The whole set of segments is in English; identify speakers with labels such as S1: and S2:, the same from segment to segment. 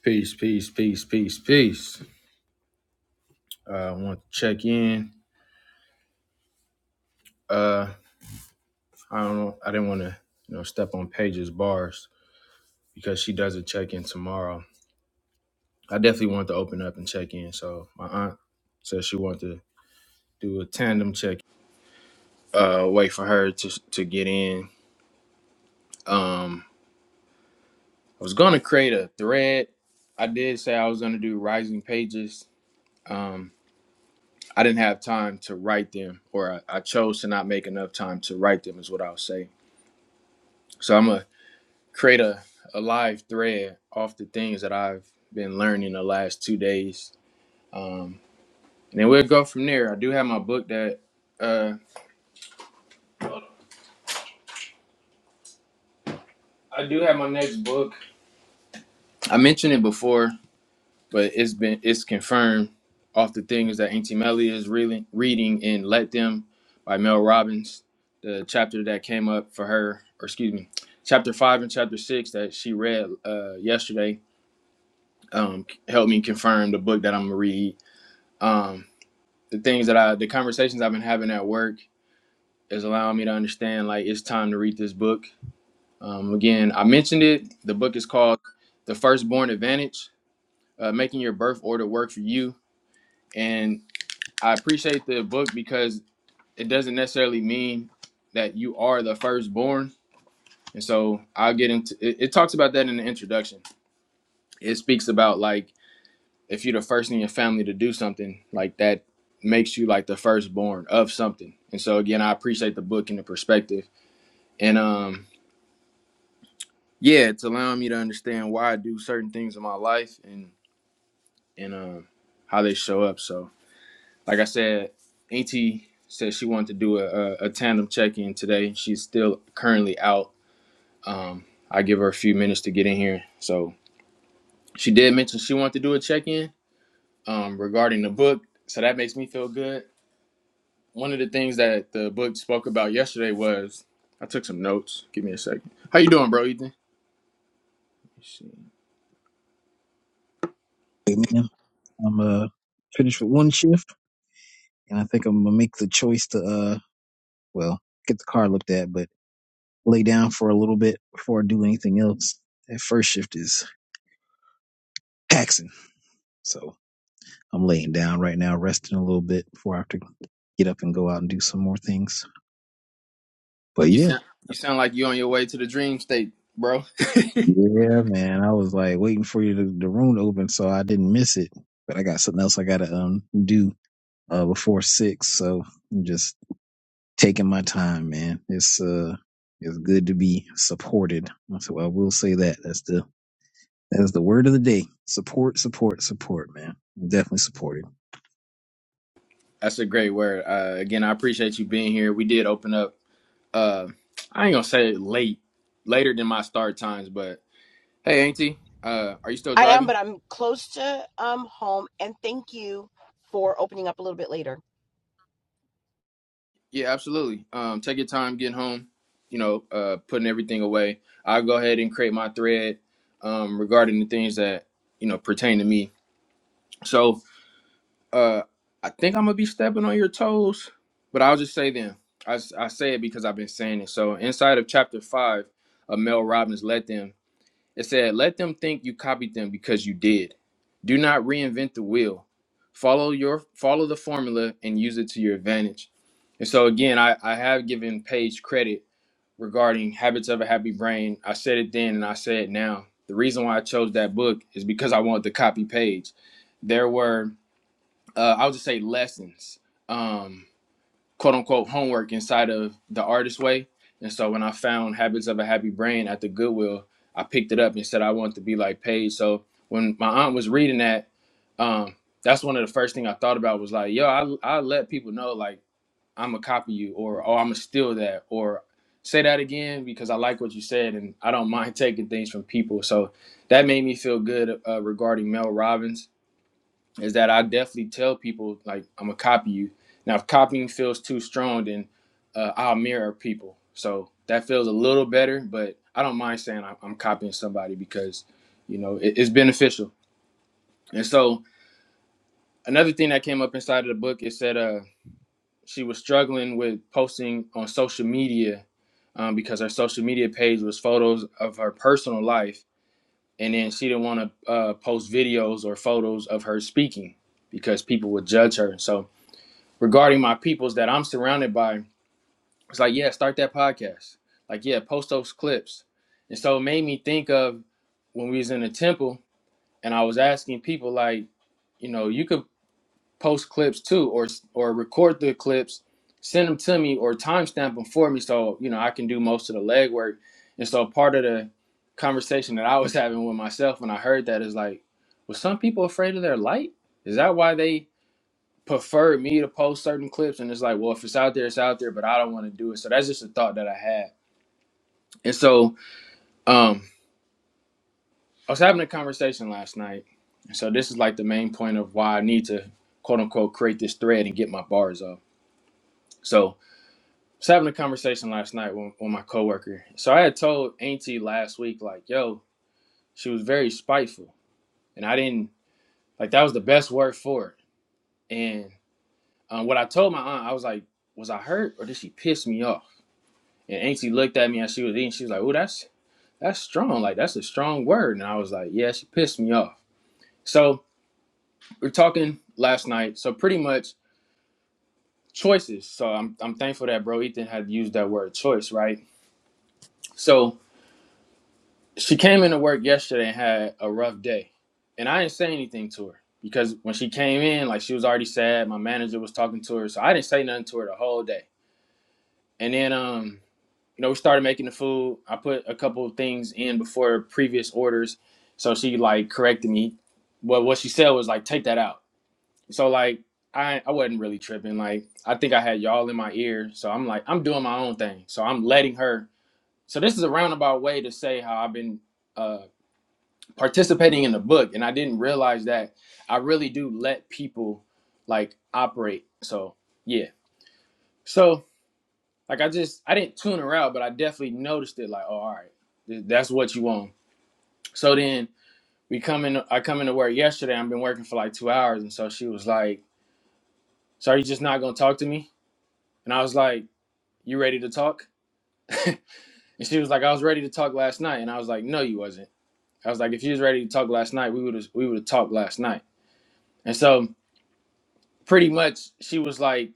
S1: Peace, peace, peace, peace, peace. Uh, I want to check in. Uh, I don't know. I didn't want to, you know, step on Paige's bars because she does a check in tomorrow. I definitely want to open up and check in. So my aunt said she wanted to do a tandem check. Uh, wait for her to to get in. Um, I was gonna create a thread. I did say I was gonna do rising pages. Um, I didn't have time to write them, or I, I chose to not make enough time to write them, is what I'll say. So I'm gonna create a, a live thread off the things that I've been learning the last two days. Um, and then we'll go from there. I do have my book that uh, I do have my next book. I mentioned it before, but it's been it's confirmed off the things that Auntie Melly is really reading in Let Them by Mel Robbins, the chapter that came up for her, or excuse me, chapter five and chapter six that she read uh, yesterday um, helped me confirm the book that I'm gonna read. Um, the things that I the conversations I've been having at work is allowing me to understand like it's time to read this book. Um, again, I mentioned it. The book is called The Firstborn Advantage: uh, Making Your Birth Order Work for You. And I appreciate the book because it doesn't necessarily mean that you are the firstborn. And so I'll get into it. It talks about that in the introduction. It speaks about like if you're the first in your family to do something like that makes you like the firstborn of something and so again i appreciate the book and the perspective and um yeah it's allowing me to understand why i do certain things in my life and and um how they show up so like i said auntie said she wanted to do a, a, a tandem check-in today she's still currently out um i give her a few minutes to get in here so she did mention she wanted to do a check-in um regarding the book so that makes me feel good one of the things that the book spoke about yesterday was I took some notes. Give me a second. How you doing, bro, Ethan?
S2: Hey, Man, I'm uh finished with one shift, and I think I'm gonna make the choice to uh well get the car looked at, but lay down for a little bit before I do anything else. That first shift is taxing, so I'm laying down right now, resting a little bit before I have to get up and go out and do some more things. But
S1: You
S2: yeah,
S1: sound you sound like you on your way to the dream state, bro.
S2: yeah, man, I was like waiting for you to the room to open, so I didn't miss it. But I got something else I gotta um do uh before six, so I'm just taking my time, man. It's uh it's good to be supported. So I will say that. That's the that's the word of the day. Support, support, support, man. I'm definitely supported.
S1: That's a great word. Uh, again, I appreciate you being here. We did open up. Uh, I ain't gonna say late, later than my start times, but hey, Auntie, uh, are you still
S3: I am,
S1: driving?
S3: but I'm close to um home. And thank you for opening up a little bit later.
S1: Yeah, absolutely. Um, take your time getting home. You know, uh, putting everything away. I'll go ahead and create my thread um, regarding the things that you know pertain to me So uh, I think I'm gonna be stepping on your toes, but I'll just say then. I, s- I say it because I've been saying it. So inside of chapter five of Mel Robbins, let them. It said, "Let them think you copied them because you did. Do not reinvent the wheel. Follow your follow the formula and use it to your advantage." And so again, I, I have given Paige credit regarding Habits of a Happy Brain. I said it then and I say it now. The reason why I chose that book is because I wanted to copy Paige. There were uh, I'll just say lessons, um, quote unquote homework inside of the artist way. And so when I found Habits of a Happy Brain at the Goodwill, I picked it up and said I wanted to be like Paige. So when my aunt was reading that, um, that's one of the first thing I thought about was like, yo, I I let people know like I'm gonna copy you or oh I'm gonna steal that or say that again because I like what you said and I don't mind taking things from people. So that made me feel good uh, regarding Mel Robbins is that I definitely tell people like I'm gonna copy you. Now, if copying feels too strong, then uh, I'll mirror people. So that feels a little better, but I don't mind saying I'm, I'm copying somebody because you know it, it's beneficial. And so another thing that came up inside of the book is that uh, she was struggling with posting on social media um, because her social media page was photos of her personal life, and then she didn't want to uh, post videos or photos of her speaking because people would judge her. So regarding my peoples that I'm surrounded by. It's like, yeah, start that podcast. Like, yeah, post those clips. And so it made me think of when we was in the temple and I was asking people like, you know, you could post clips too or or record the clips, send them to me or timestamp them for me so, you know, I can do most of the legwork. And so part of the conversation that I was having with myself when I heard that is like, was some people afraid of their light? Is that why they preferred me to post certain clips and it's like well if it's out there it's out there but i don't want to do it so that's just a thought that i had and so um i was having a conversation last night and so this is like the main point of why i need to quote unquote create this thread and get my bars off so i was having a conversation last night with, with my coworker so i had told auntie last week like yo she was very spiteful and i didn't like that was the best word for it and um, what i told my aunt i was like was i hurt or did she piss me off And Auntie looked at me as she was eating. She was like, "Oh, that's that's strong. Like that's a strong word." And I was like, "Yeah." She pissed me off. So we're talking last night. So pretty much choices. So I'm I'm thankful that bro Ethan had used that word choice, right? So she came into work yesterday and had a rough day, and I didn't say anything to her because when she came in, like she was already sad. My manager was talking to her, so I didn't say nothing to her the whole day. And then um you know, we started making the food. I put a couple of things in before previous orders. So she like corrected me. But what she said was like, take that out. So like I I wasn't really tripping. Like I think I had y'all in my ear. So I'm like, I'm doing my own thing. So I'm letting her. So this is a roundabout way to say how I've been uh participating in the book. And I didn't realize that I really do let people like operate. So yeah. So. Like I just I didn't tune her out, but I definitely noticed it. Like, oh, all right, th- that's what you want. So then we come in. I come into work yesterday. I've been working for like two hours, and so she was like, "So are you just not gonna talk to me?" And I was like, "You ready to talk?" and she was like, "I was ready to talk last night," and I was like, "No, you wasn't." I was like, "If you was ready to talk last night, we would have we would have talked last night." And so pretty much she was like,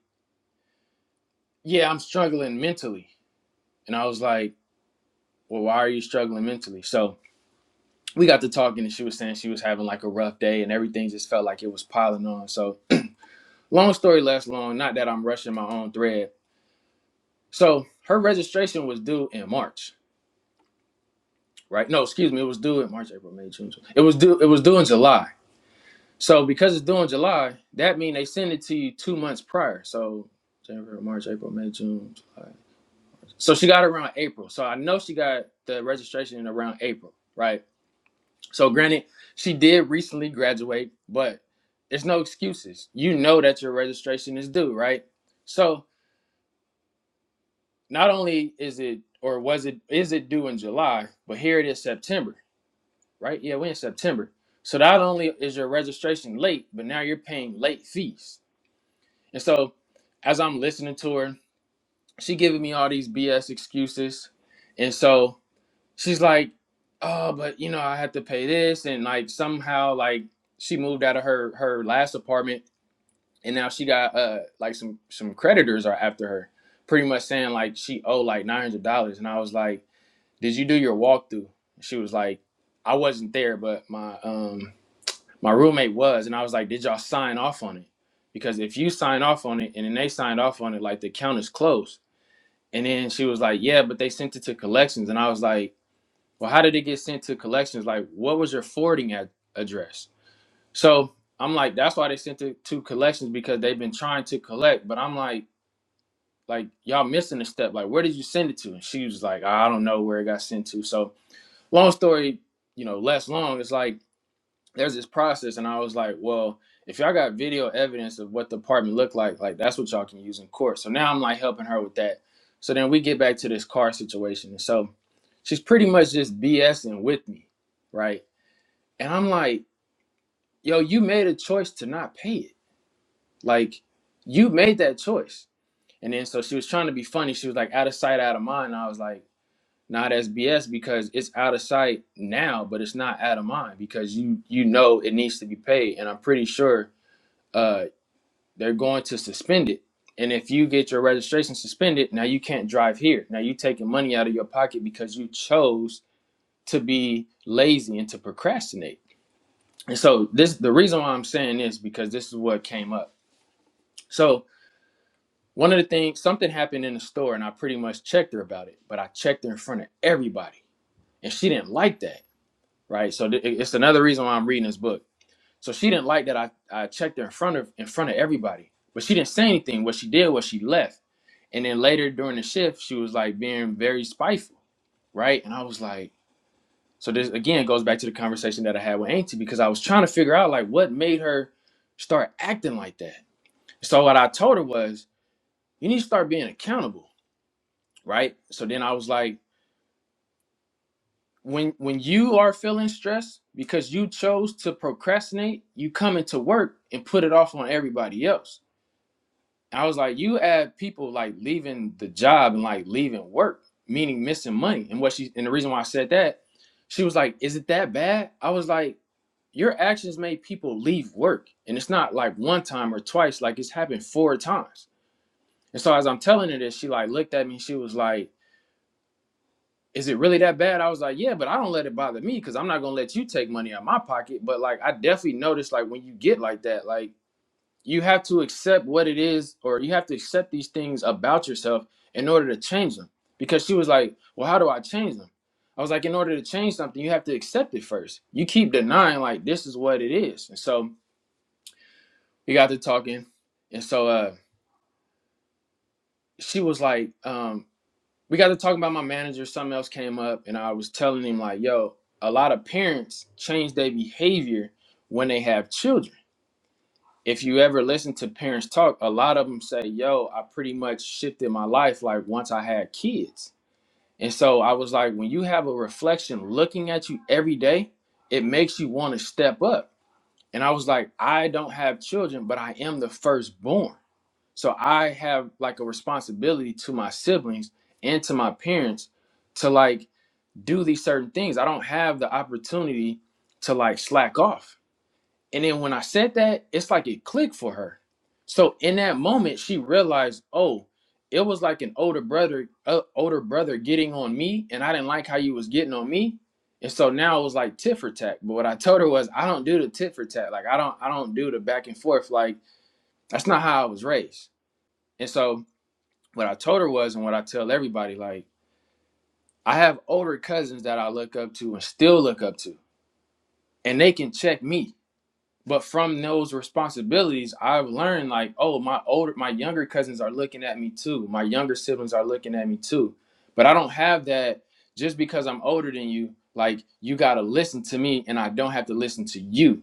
S1: "Yeah, I'm struggling mentally," and I was like, "Well, why are you struggling mentally?" So we got to talking and she was saying she was having like a rough day and everything just felt like it was piling on. So long story less long, not that I'm rushing my own thread. So her registration was due in March, right? No, excuse me, it was due in March, April, May, June. July. It was due it was due in July. So because it's due in July, that means they send it to you two months prior. So January, March, April, May, June, July. So she got it around April. So I know she got the registration in around April, right? So granted, she did recently graduate, but there's no excuses. You know that your registration is due, right? So not only is it or was it is it due in July, but here it is September, right? Yeah, we're in September. So not only is your registration late, but now you're paying late fees. And so as I'm listening to her, she giving me all these BS excuses. And so she's like, oh, but you know, I have to pay this, and like somehow like she moved out of her her last apartment, and now she got uh like some some creditors are after her, pretty much saying like she owed like nine hundred dollars, and I was like, did you do your walkthrough? She was like, I wasn't there, but my um my roommate was, and I was like, did y'all sign off on it? Because if you sign off on it, and then they signed off on it, like the account is closed. And then she was like, yeah, but they sent it to collections, and I was like well, how did it get sent to collections? Like, what was your forwarding ad- address? So I'm like, that's why they sent it to collections because they've been trying to collect. But I'm like, like y'all missing a step. Like, where did you send it to? And she was like, I don't know where it got sent to. So long story, you know, less long. It's like there's this process, and I was like, well, if y'all got video evidence of what the apartment looked like, like that's what y'all can use in court. So now I'm like helping her with that. So then we get back to this car situation, and so she's pretty much just BSing with me right? And I'm like, yo, you made a choice to not pay it. Like, you made that choice. And then so she was trying to be funny. She was like, out of sight, out of mind. And I was like, nah, that's BS because it's out of sight now, but it's not out of mind because you you know it needs to be paid. And I'm pretty sure uh they're going to suspend it. And if you get your registration suspended, now you can't drive here. Now you're taking money out of your pocket because you chose to be lazy and to procrastinate. And so this the reason why I'm saying this because this is what came up. So one of the things something happened in the store and I pretty much checked her about it, but I checked her in front of everybody and she didn't like that, right? So th- it's another reason why I'm reading this book. So she didn't like that I, I checked her in front of in front of everybody, but she didn't say anything. What she did was she left, and then later during the shift she was like being very spiteful, right? And I was like, So this again goes back to the conversation that I had with Auntie because I was trying to figure out like what made her start acting like that. So what I told her was, you need to start being accountable, right? So then I was like, when when you are feeling stressed because you chose to procrastinate, you come into work and put it off on everybody else. And I was like, you have people like leaving the job and like leaving work, meaning missing money. And what she and the reason why I said that, she was like, is it that bad? I was like your actions made people leave work and it's not like one time or twice like it's happened four times and so as i'm telling her this she like looked at me and she was like is it really that bad i was like yeah but i don't let it bother me because i'm not gonna let you take money out of my pocket but like i definitely noticed like when you get like that like you have to accept what it is or you have to accept these things about yourself in order to change them because she was like well how do i change them i was like in order to change something you have to accept it first you keep denying like this is what it is and so we got to talking and so uh she was like um we got to talking about my manager something else came up and i was telling him like yo a lot of parents change their behavior when they have children if you ever listen to parents talk a lot of them say yo i pretty much shifted my life like once i had kids and so i was like when you have a reflection looking at you every day it makes you want to step up and i was like i don't have children but i am the firstborn So I have like a responsibility to my siblings and to my parents to like do these certain things. I don't have the opportunity to like slack off. And then when I said that, it's like it clicked for her. So in that moment, she realized, oh, it was like an older brother, uh, older brother getting on me, and I didn't like how you was getting on me. And so now it was like tit for tat. But what I told her was, I don't do the tit for tat. Like I don't, I don't do the back and forth. Like that's not how I was raised. And so what I told her was, and what I tell everybody, like I have older cousins that I look up to and still look up to, and they can check me. But from those responsibilities, I've learned like, oh, my older, my younger cousins are looking at me too. My younger siblings are looking at me too. But I don't have that just because I'm older than you. Like you gotta listen to me, and I don't have to listen to you.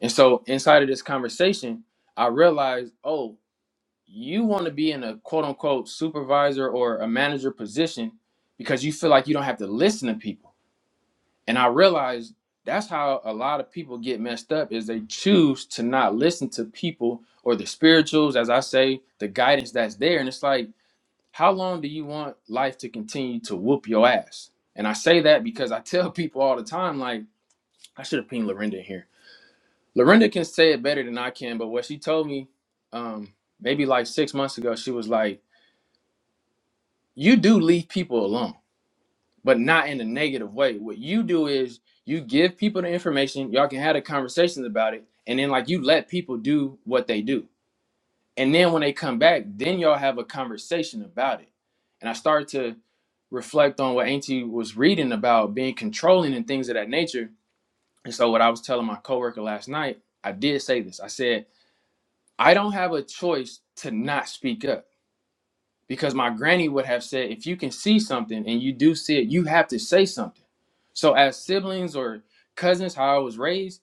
S1: And so inside of this conversation, I realized, oh, you want to be in a quote unquote supervisor or a manager position because you feel like you don't have to listen to people. And I realize that's how a lot of people get messed up is they choose to not listen to people or the spirituals, as I say, the guidance that's there. And it's like, how long do you want life to continue to whoop your ass? And I say that because I tell people all the time, like, I should have pinged Lorinda in here. Lorinda can say it better than I can, but what she told me, um, maybe like six months ago, she was like, you do leave people alone, but not in a negative way. What you do is you give people the information, y'all can have the conversations about it, and then like you let people do what they do. And then when they come back, then y'all have a conversation about it. And I started to reflect on what Auntie was reading about being controlling and things of that nature. And so what I was telling my coworker last night, I did say this. I said, I don't have a choice to not speak up because my granny would have said if you can see something and you do see it you have to say something so as siblings or cousins how i was raised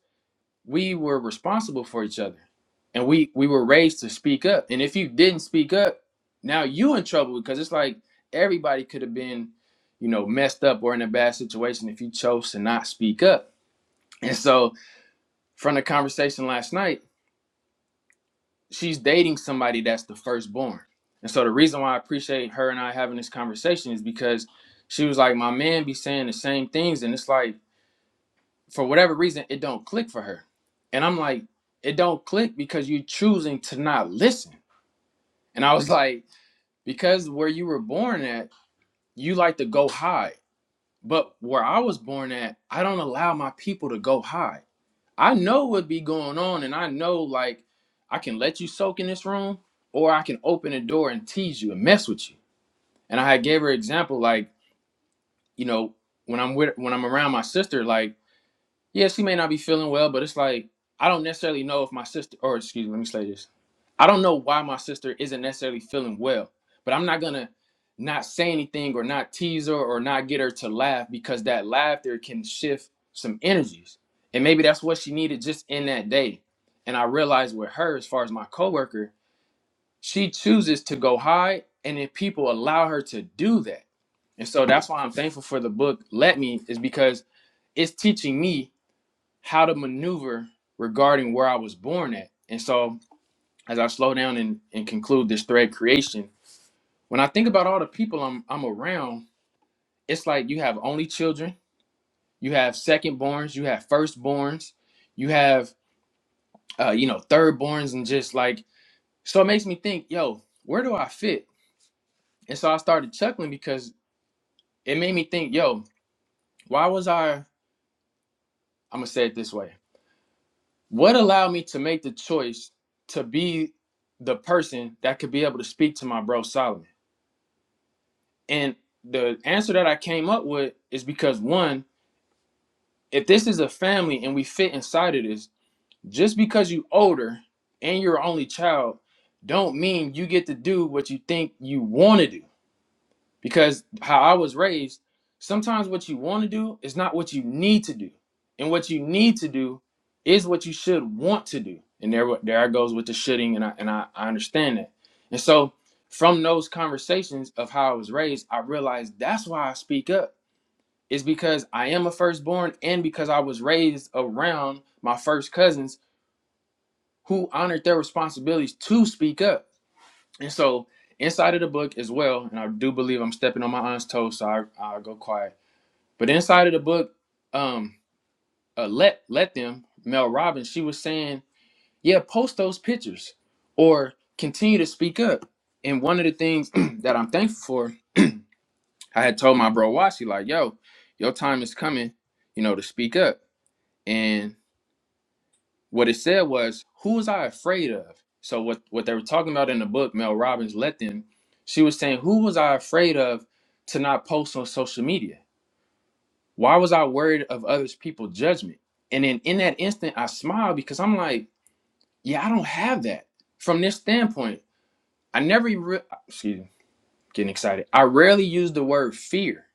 S1: we were responsible for each other and we we were raised to speak up and if you didn't speak up now you in trouble because it's like everybody could have been you know messed up or in a bad situation if you chose to not speak up and so from the conversation last night she's dating somebody that's the firstborn. And so the reason why I appreciate her and I having this conversation is because she was like, My man be saying the same things, and it's like, for whatever reason, it don't click for her. And I'm like, it don't click because you're choosing to not listen. And I was like, because where you were born at, you like to go high. But where I was born at, I don't allow my people to go high. I know what be going on, and I know like I can let you soak in this room, or I can open the door and tease you and mess with you. And I had gave her example like you know when I'm with when I'm around my sister like. Yeah, she may not be feeling well, but it's like I don't necessarily know if my sister or excuse me, let me say this. I don't know why my sister isn't necessarily feeling well, but I'm not gonna not say anything or not tease her or not get her to laugh because that laughter can shift some energies. And maybe that's what she needed just in that day. And I realized with her, as far as my coworker, she chooses to go high and if people allow her to do that. And so that's why I'm thankful for the book Let Me, is because it's teaching me how to maneuver regarding where I was born at. And so as I slow down and, and conclude this thread creation, when I think about all the people I'm I'm around, it's like you have only children, you have second borns, you have firstborns, you have uh, you know, third borns and just like so it makes me think, yo, where do I fit? And so I started chuckling because it made me think, yo, why was I I'm gonna say it this way. What allowed me to make the choice to be the person that could be able to speak to my bro Solomon? And the answer that I came up with is because one, if this is a family and we fit inside of this, just because you older and you're only child, don't mean you get to do what you think you want to do. because how I was raised, sometimes what you want to do is not what you need to do, and what you need to do is what you should want to do. And there, there I goes with the shitting, and I and I, I understand that. And so from those conversations of how I was raised, I realized that's why I speak up. Is because I am a firstborn, and because I was raised around my first cousins who honored their responsibilities to speak up and so inside of the book as well, and I do believe I'm stepping on my aunt's toes, so I, I go quiet. But inside of the book, um, uh, let let them Mel Robbins, she was saying, yeah, post those pictures or continue to speak up. And one of the things that I'm thankful for, I had told my bro Washi like, yo, your time is coming, you know, to speak up. And what it said was, "Who was I afraid of?" So what what they were talking about in the book, Mel Robbins let them. She was saying, "Who was I afraid of to not post on social media? Why was I worried of others people judgment?" And then in that instant, I smiled because I'm like, "Yeah, I don't have that." From this standpoint, I never even re- excuse me, getting excited. I rarely use the word fear,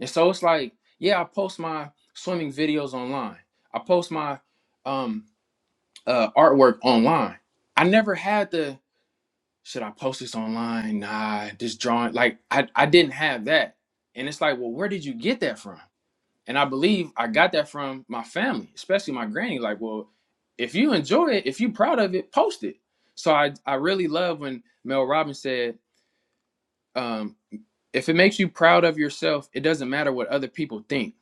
S1: and so it's like, yeah, I post my swimming videos online. I post my um uh, artwork online. I never had the should I post this online? Nah, this drawing like I I didn't have that. And it's like, well, where did you get that from? And I believe I got that from my family, especially my granny. Like, well, if you enjoy it, if you're proud of it, post it. So I I really love when Mel Robbins said, um, if it makes you proud of yourself, it doesn't matter what other people think.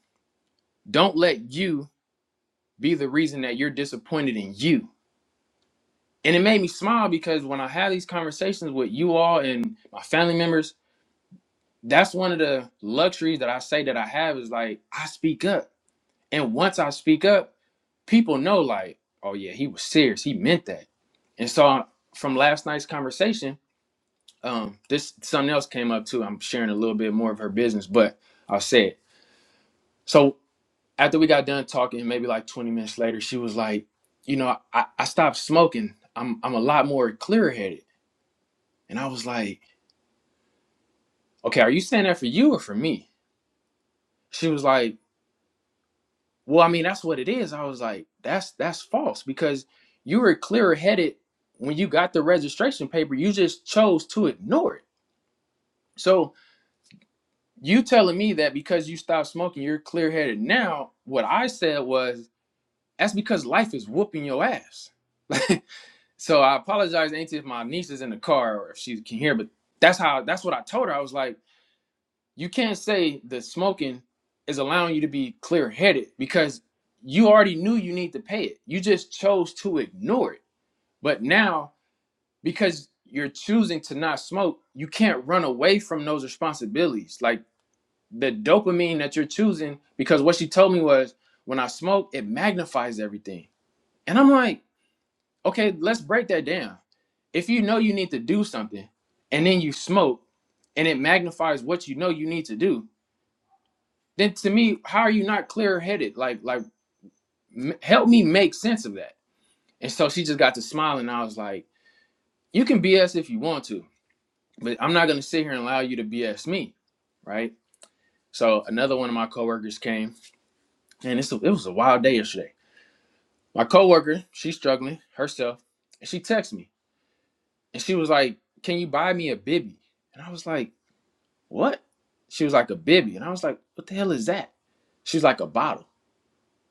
S1: Don't let you be the reason that you're disappointed in you and it made me smile because when I have these conversations with you all and my family members, that's one of the luxuries that I say that I have is like I speak up. And once I speak up, people know like, oh yeah, he was serious. He meant that. And so from last night's conversation, um, this something else came up too. I'm sharing a little bit more of her business, but I'll say it. So after we got done talking, maybe like 20 minutes later, she was like, you know, I, I stopped smoking. I'm I'm a lot more clear headed. And I was like, okay, are you saying that for you or for me? She was like, well, I mean, that's what it is. I was like, that's that's false because you were clearer headed when you got the registration paper. You just chose to ignore it. So you telling me that because you stopped smoking, you're clear headed now. What I said was that's because life is whooping your ass. so I apologize, Auntie, if my niece is in the car or if she can hear, but that's how that's what I told her. I was like you can't say that smoking is allowing you to be clear headed because you already knew you need to pay it. You just chose to ignore it. But now, because you're choosing to not smoke, you can't run away from those responsibilities. Like the dopamine that you're choosing, because what she told me was when I smoke, it magnifies everything. And I'm like, okay, let's break that down. If you know you need to do something and then you smoke and it magnifies what you know you need to do, then to me, how are you not clear headed? Like, like, m- help me make sense of that. And so she just got to smile, and I was like, you can BS if you want to, but I'm not gonna sit here and allow you to BS me, right? So another one of my coworkers came, and it's a, it was a wild day yesterday. My coworker, she's struggling herself, and she texted me, and she was like, "Can you buy me a bibby?" And I was like, "What?" She was like, "A bibby," and I was like, "What the hell is that?" She was like, "A bottle."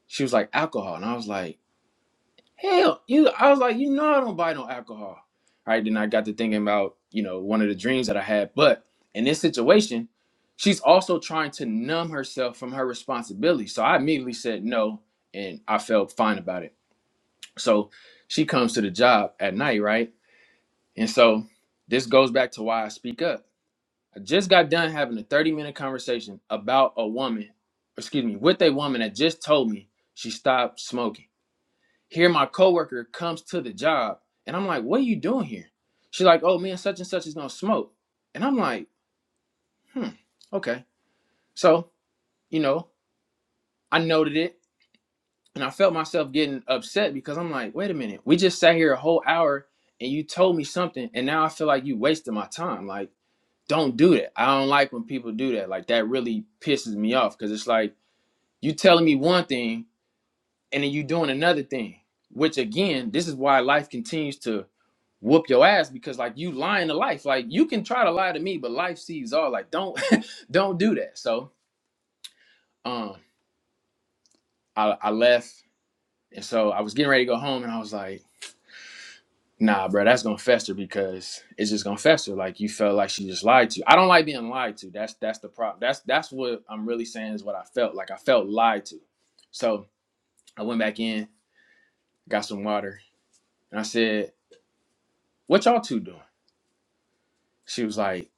S1: She was like, "Alcohol," and I was like. Hell, you I was like, you know I don't buy no alcohol. Right. Then I got to thinking about, you know, one of the dreams that I had. But in this situation, she's also trying to numb herself from her responsibility. So I immediately said no and I felt fine about it. So she comes to the job at night, right? And so this goes back to why I speak up. I just got done having a 30 minute conversation about a woman, excuse me, with a woman that just told me she stopped smoking. Here my coworker comes to the job and I'm like, what are you doing here? She's like, oh, me and such and such is gonna smoke. And I'm like, hmm, okay. So, you know, I noted it and I felt myself getting upset because I'm like, wait a minute, we just sat here a whole hour and you told me something and now I feel like you wasted my time. Like, don't do that. I don't like when people do that. Like that really pisses me off because it's like you telling me one thing and then you doing another thing. Which again, this is why life continues to whoop your ass because like you lying to life. Like you can try to lie to me, but life sees all. Like don't don't do that. So um I, I left and so I was getting ready to go home and I was like, nah, bro, that's gonna fester because it's just gonna fester. Like you felt like she just lied to you. I don't like being lied to. That's that's the problem. That's that's what I'm really saying is what I felt. Like I felt lied to. So I went back in, got some water, and I said, What y'all two doing? She was like,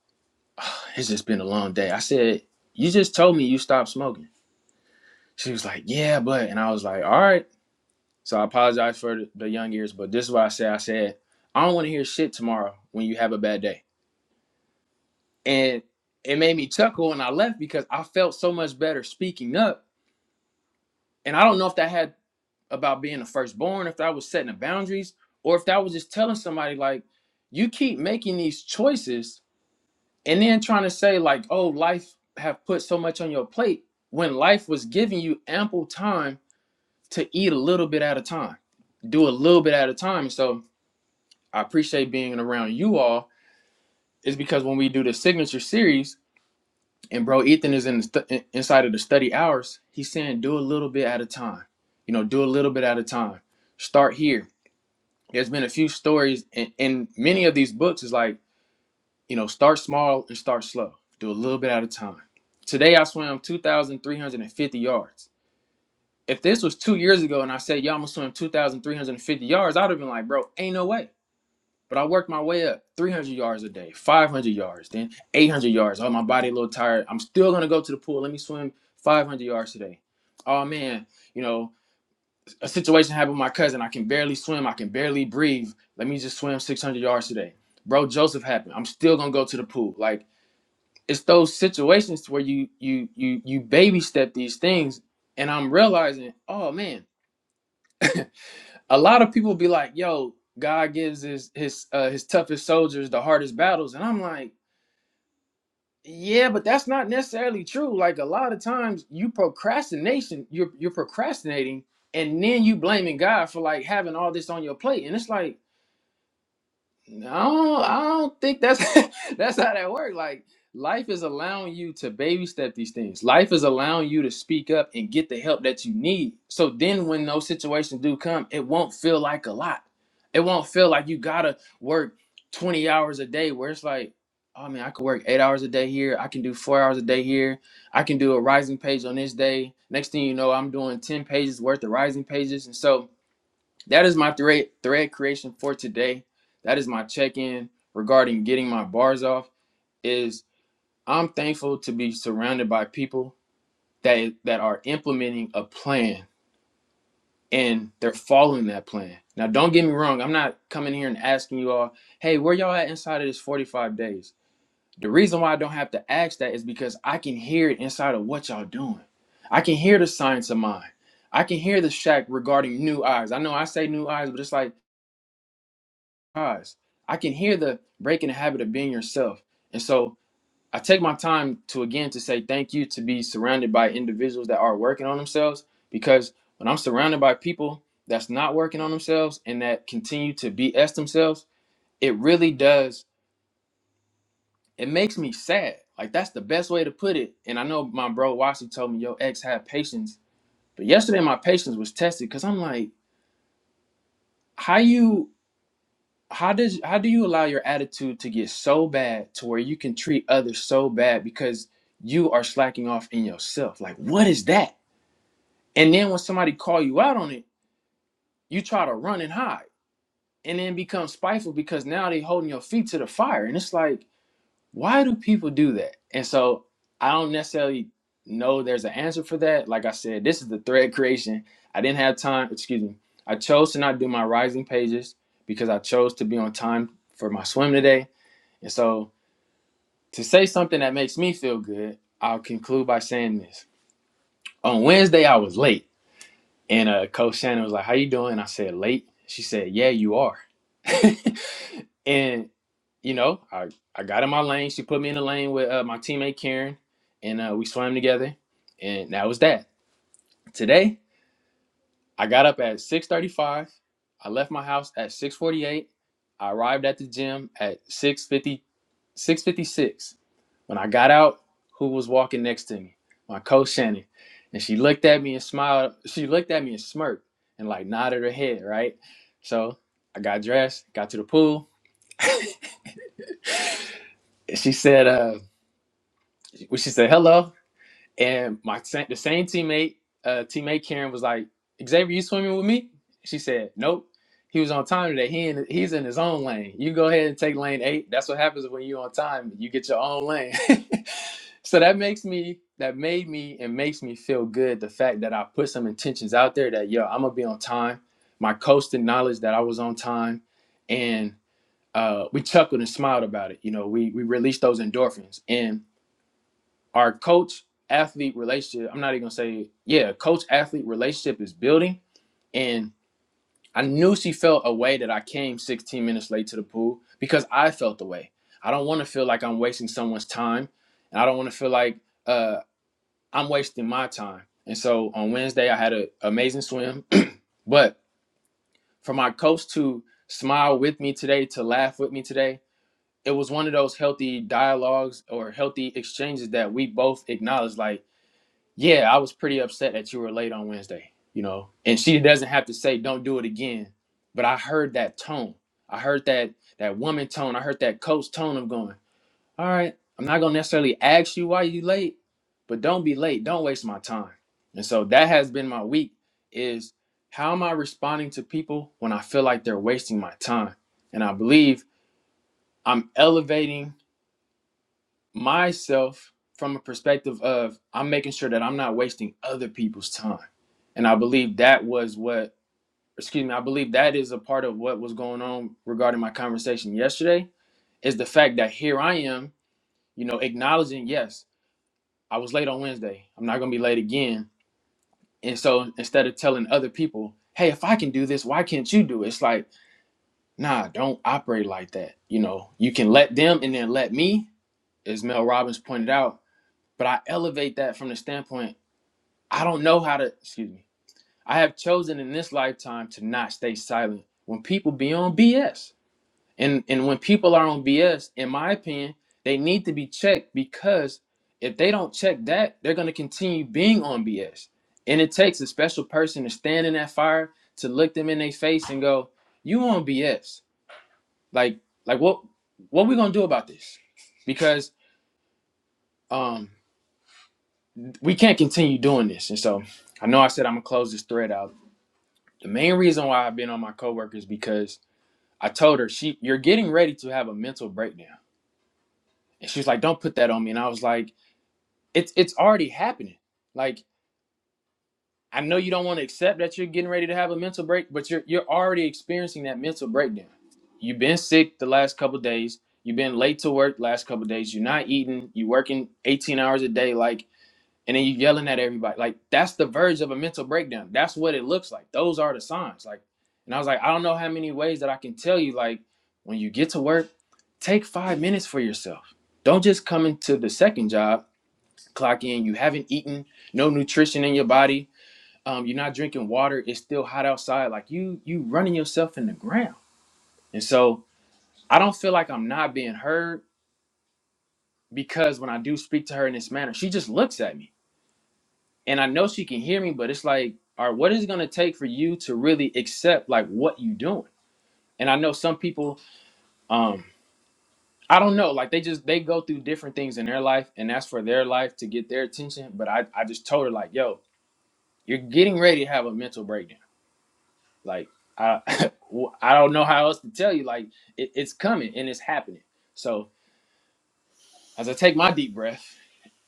S1: "Ah, "It's just been a long day. I said, You just told me you stopped smoking. She was like, "Yeah, but," and I was like, "All right." So I apologize for the, young ears, but this is what I said. I said, "I don't want to hear shit tomorrow when you have a bad day," and it made me chuckle, and I left because I felt so much better speaking up. And I don't know if that had about being the firstborn, if that was setting the boundaries, or if that was just telling somebody like, "You keep making these choices," and then trying to say like, "Oh, life have put so much on your plate." When life was giving you ample time to eat a little bit at a time, do a little bit at a time. So I appreciate being around you all is because when we do the signature series and bro Ethan is in the stu- inside of the study hours, he's saying do a little bit at a time. You know, do a little bit at a time. Start here. There's been a few stories in, in many of these books is like, you know, start small and start slow. Do a little bit at a time. Today I swam 2,350 yards. If this was two years ago and I said, "Yo, I'm gonna swim 2,350 yards," I'd have been like, "Bro, ain't no way." But I worked my way up, 300 yards a day, 500 yards, then 800 yards. Oh, my body a little tired. I'm still gonna go to the pool. Let me swim 500 yards today. Oh man, you know, a situation happened with my cousin. I can barely swim. I can barely breathe. Let me just swim 600 yards today. Bro, Joseph happened. I'm still gonna go to the pool. Like it's those situations where you you you you baby step these things, and I'm realizing, oh man. a lot of people be like, "Yo, God gives his his uh, his toughest soldiers the hardest battles," and I'm like, "Yeah, but that's not necessarily true. Like a lot of times, you procrastination, you're you're procrastinating, and then you blaming God for like having all this on your plate, and it's like." No, I don't think that's that's how that works. Like life is allowing you to baby step these things. Life is allowing you to speak up and get the help that you need. So then when those situations do come, it won't feel like a lot. It won't feel like you gotta work 20 hours a day where it's like, oh man, I could work eight hours a day here, I can do four hours a day here, I can do a rising page on this day. Next thing you know, I'm doing 10 pages worth of rising pages. And so that is my thread thread creation for today. That is my check-in regarding getting my bars off. Is I'm thankful to be surrounded by people that that are implementing a plan and they're following that plan. Now, don't get me wrong. I'm not coming here and asking you all, "Hey, where y'all at inside of this 45 days?" The reason why I don't have to ask that is because I can hear it inside of what y'all doing. I can hear the science of mine. I can hear the shack regarding new eyes. I know I say new eyes, but it's like eyes. I can hear the breaking the habit of being yourself. And so I take my time to again to say thank you to be surrounded by individuals that are working on themselves because when I'm surrounded by people that's not working on themselves and that continue to BS themselves, it really does it makes me sad. Like that's the best way to put it. And I know my bro Washi told me your ex had patience. But yesterday my patience was tested because I'm like, how you how does how do you allow your attitude to get so bad to where you can treat others so bad because you are slacking off in yourself like what is that and then when somebody call you out on it you try to run and hide and then become spiteful because now they holding your feet to the fire and it's like why do people do that and so i don't necessarily know there's an answer for that like i said this is the thread creation i didn't have time excuse me i chose to not do my rising pages because i chose to be on time for my swim today and so, to say something that makes me feel good, I'll conclude by saying this. On Wednesday, I was late, and uh, Coach Shannon was like, "How you doing?" I said, "Late." She said, "Yeah, you are." and you know, I I got in my lane. She put me in the lane with uh, my teammate Karen, and uh, we swam together, and that was that. Today, I got up at 6:35. I left my house at 6:48. I arrived at the gym at 6:50, 6:56 When I got out, who was walking next to me? My coach Shannon. And she looked at me and smiled. She looked at me and smirked and like nodded her head, right? So I got dressed, got to the pool. And she said, uh, well, she said, hello. And my the same teammate, uh, teammate Karen was like, Xavier, you swimming with me? She said, Nope. He was on time today. He in, he's in his own lane. You go ahead and take lane eight. That's what happens when you're on time. You get your own lane. so that makes me that made me and makes me feel good. The fact that I put some intentions out there that yo, I'm gonna be on time. My coach acknowledged that I was on time, and uh, we chuckled and smiled about it. You know, we we released those endorphins and our coach athlete relationship, I'm not even gonna say, yeah, coach athlete relationship is building. And I knew she felt a way that I came 16 minutes late to the pool because I felt the way. I don't wanna feel like I'm wasting someone's time. And I don't wanna feel like uh, I'm wasting my time. And so on Wednesday, I had an amazing swim. But for my coach to smile with me today, to laugh with me today, it was one of those healthy dialogues or healthy exchanges that we both acknowledged. Like, Yeah, I was pretty upset that you were late on Wednesday, you know. And she doesn't have to say don't do it again, but I heard that tone. I heard that that woman tone. I heard that coach tone of going, "All right, I'm not going to necessarily ask you why you late, but don't be late. Don't waste my time." And so that has been my week is how am I responding to people when I feel like they're wasting my time? And I believe I'm elevating myself from a perspective of I'm making sure that I'm not wasting other people's time. And I believe that was what, excuse me, I believe that is a part of what was going on regarding my conversation yesterday is the fact that here I am, you know, acknowledging, yes, I was late on Wednesday. I'm not going to be late again. And so instead of telling other people, hey, if I can do this, why can't you do it? It's like, nah, don't operate like that. You know, you can let them and then let me, as Mel Robbins pointed out But I elevate that from the standpoint I don't know how to, excuse me, I have chosen in this lifetime to not stay silent when people be on BS. And, and when people are on BS, in my opinion, they need to be checked because if they don't check that, they're going to continue being on BS. And it takes a special person to stand in that fire to look them in their face and go, "You on BS? Like, like what? What we gonna do about this?" Because um, we can't continue doing this. And so I know I said I'm gonna close this thread out. The main reason why I've been on my coworker is because I told her she you're getting ready to have a mental breakdown. And she's like, Don't put that on me. And I was like, It's it's already happening. Like I know you don't want to accept that you're getting ready to have a mental break, but you're you're already experiencing that mental breakdown. You've been sick the last couple of days, you've been late to work the last couple of days, you're not eating, you're working 18 hours a day, like and then you yelling at everybody. Like that's the verge of a mental breakdown. That's what it looks like. Those are the signs. Like, and I was like, I don't know how many ways that I can tell you. Like, when you get to work, take five minutes for yourself. Don't just come into the second job, clock in. You haven't eaten, no nutrition in your body. Um, you're not drinking water. It's still hot outside. Like you, you running yourself in the ground. And so I don't feel like I'm not being heard because when I do speak to her in this manner, she just looks at me and I know she can hear me, but it's like, all right, what is it gonna take for you to really accept like what you doing? And I know some people, um, I don't know, like they just they go through different things in their life, and that's for their life to get their attention. But I, I just told her like, yo, you're getting ready to have a mental breakdown. Like, I, I don't know how else to tell you. Like, it, it's coming and it's happening. So As I take my deep breath,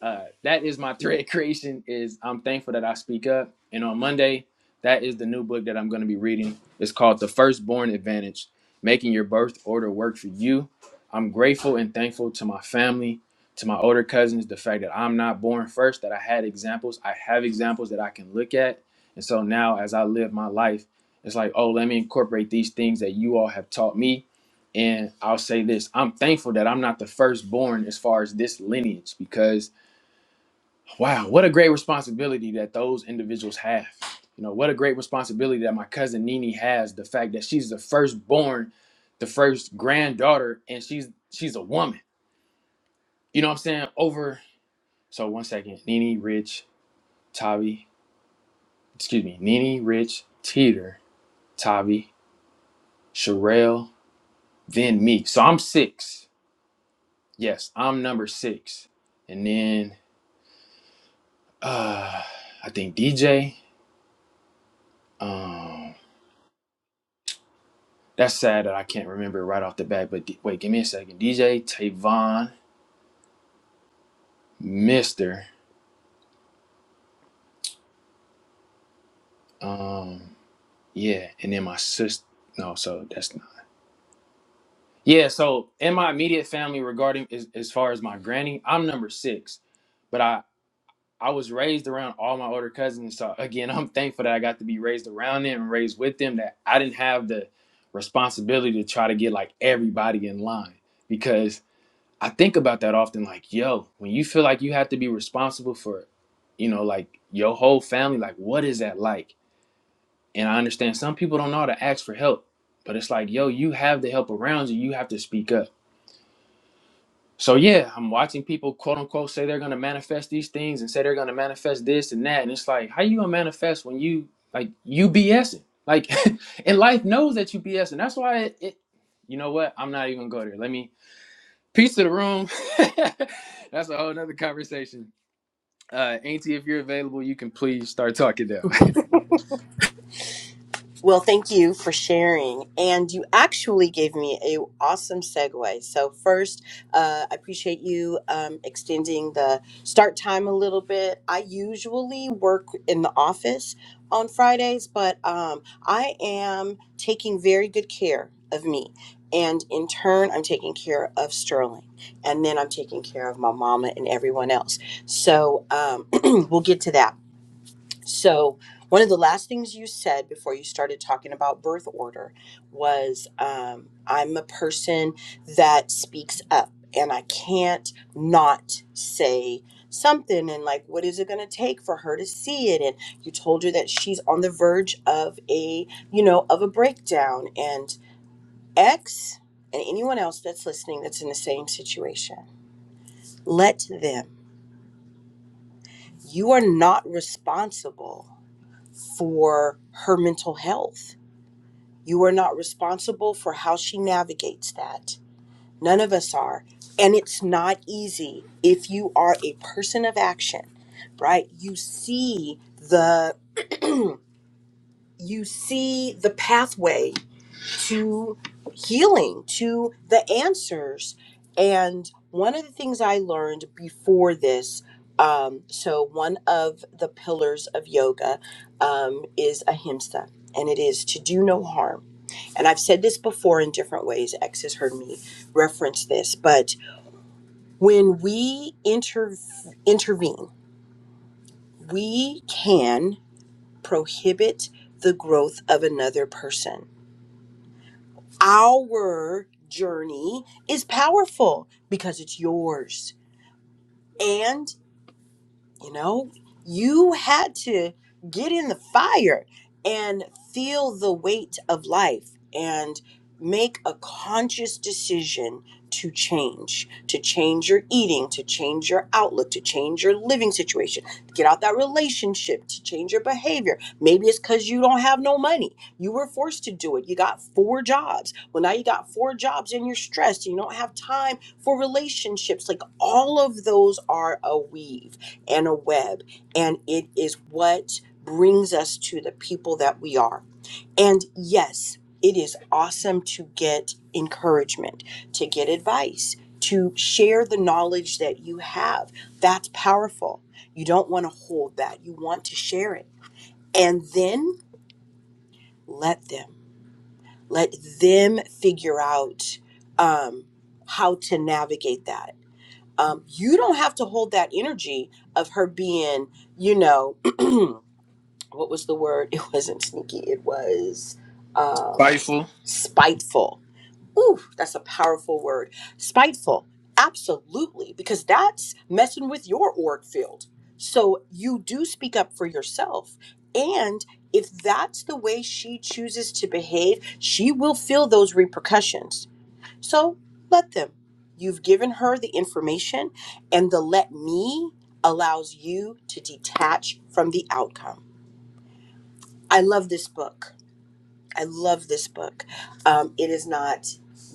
S1: uh, that is my thread creation. Is I'm thankful that I speak up. And on Monday, that is the new book that I'm going to be reading. It's called The Firstborn Advantage: Making Your Birth Order Work for You. I'm grateful and thankful to my family, to my older cousins, the fact that I'm not born first, that I had examples. I have examples that I can look at. And so now, as I live my life, it's like, oh, let me incorporate these things that you all have taught me and I'll say this I'm thankful that I'm not the firstborn as far as this lineage because, wow, what a great responsibility that those individuals have. You know, what a great responsibility that my cousin Nini has the fact that she's the firstborn, the first granddaughter, and she's she's a woman. You know what I'm saying? Over, so one second Nini, Rich, Tavi, excuse me, Nini, Rich, Teeter, Tavi, Sherelle, then me. So I'm six. Yes, I'm number six. And then Uh, I think DJ. Um, that's sad that I can't remember right off the bat. But D- wait, give me a second. DJ Tavon, Mister. Um, yeah, and then my sister. No, so that's not. Yeah, so in my immediate family, regarding as, as far as my granny, I'm number six. But I I was raised around all my older cousins. So again, I'm thankful that I got to be raised around them and raised with them. That I didn't have the responsibility to try to get like everybody in line because I think about that often like, yo, when you feel like you have to be responsible for, you know, like your whole family, like what is that like? And I understand some people don't know how to ask for help, but it's like, yo, you have the help around you, you have to speak up. So yeah, I'm watching people quote unquote say they're gonna manifest these things and say they're gonna manifest this and that. And it's like, how you gonna manifest when you like you BSing? Like and life knows that you BSing. That's why it, it you know what? I'm not even gonna go there. Let me Peace to the room. That's a whole nother conversation. Uh, Auntie, if you're available, you can please start talking now.
S3: Well, thank you for sharing. And you actually gave me a awesome segue. So first, uh, I appreciate you um, extending the start time a little bit. I usually work in the office on Fridays, but um, I am taking very good care of me. And in turn, I'm taking care of Sterling. And then I'm taking care of my mama and everyone else. So um, we'll get to that. So, one of the last things you said before you started talking about birth order was um, I'm a person that speaks up and I can't not say something. And, like, what is it going to take for her to see it? And you told her that she's on the verge of a, you know, of a breakdown. And X and anyone else that's listening that's in the same situation, let them. You are not responsible for her mental health You are not responsible for how she navigates that. None of us are. And it's not easy if you are a person of action, right? You see the you see the pathway to healing, to the answers. And one of the things I learned before this, um, so one of the pillars of yoga um, is ahimsa, and it is to do no harm and I've said this before in different ways, X has heard me reference this, but when we inter- intervene, we can prohibit the growth of another person. Our journey is powerful because it's yours. and. You know, you had to get in the fire and feel the weight of life and make a conscious decision to change, to change your eating, to change your outlook, to change your living situation, to get out that relationship, to change your behavior. Maybe it's because you don't have no money. You were forced to do it. You got four jobs. Well, now you got four jobs and you're stressed. You don't have time for relationships. Like all of those are a weave and a web. And it is what brings us to the people that we are. And yes, it is awesome to get encouragement, to get advice, to share the knowledge that you have. That's powerful. You don't want to hold that, you want to share it. And then let them, let them figure out um, how to navigate that. Um, you don't have to hold that energy of her being, you know, what was the word? It wasn't sneaky. It was um,
S1: Fightful,
S3: spiteful. Ooh, that's a powerful word. Spiteful. Absolutely. Because that's messing with your org field. So you do speak up for yourself. And if that's the way she chooses to behave, she will feel those repercussions. So let them. You've given her the information, and the let me allows you to detach from the outcome. I love this book. I love this book. Um, it is not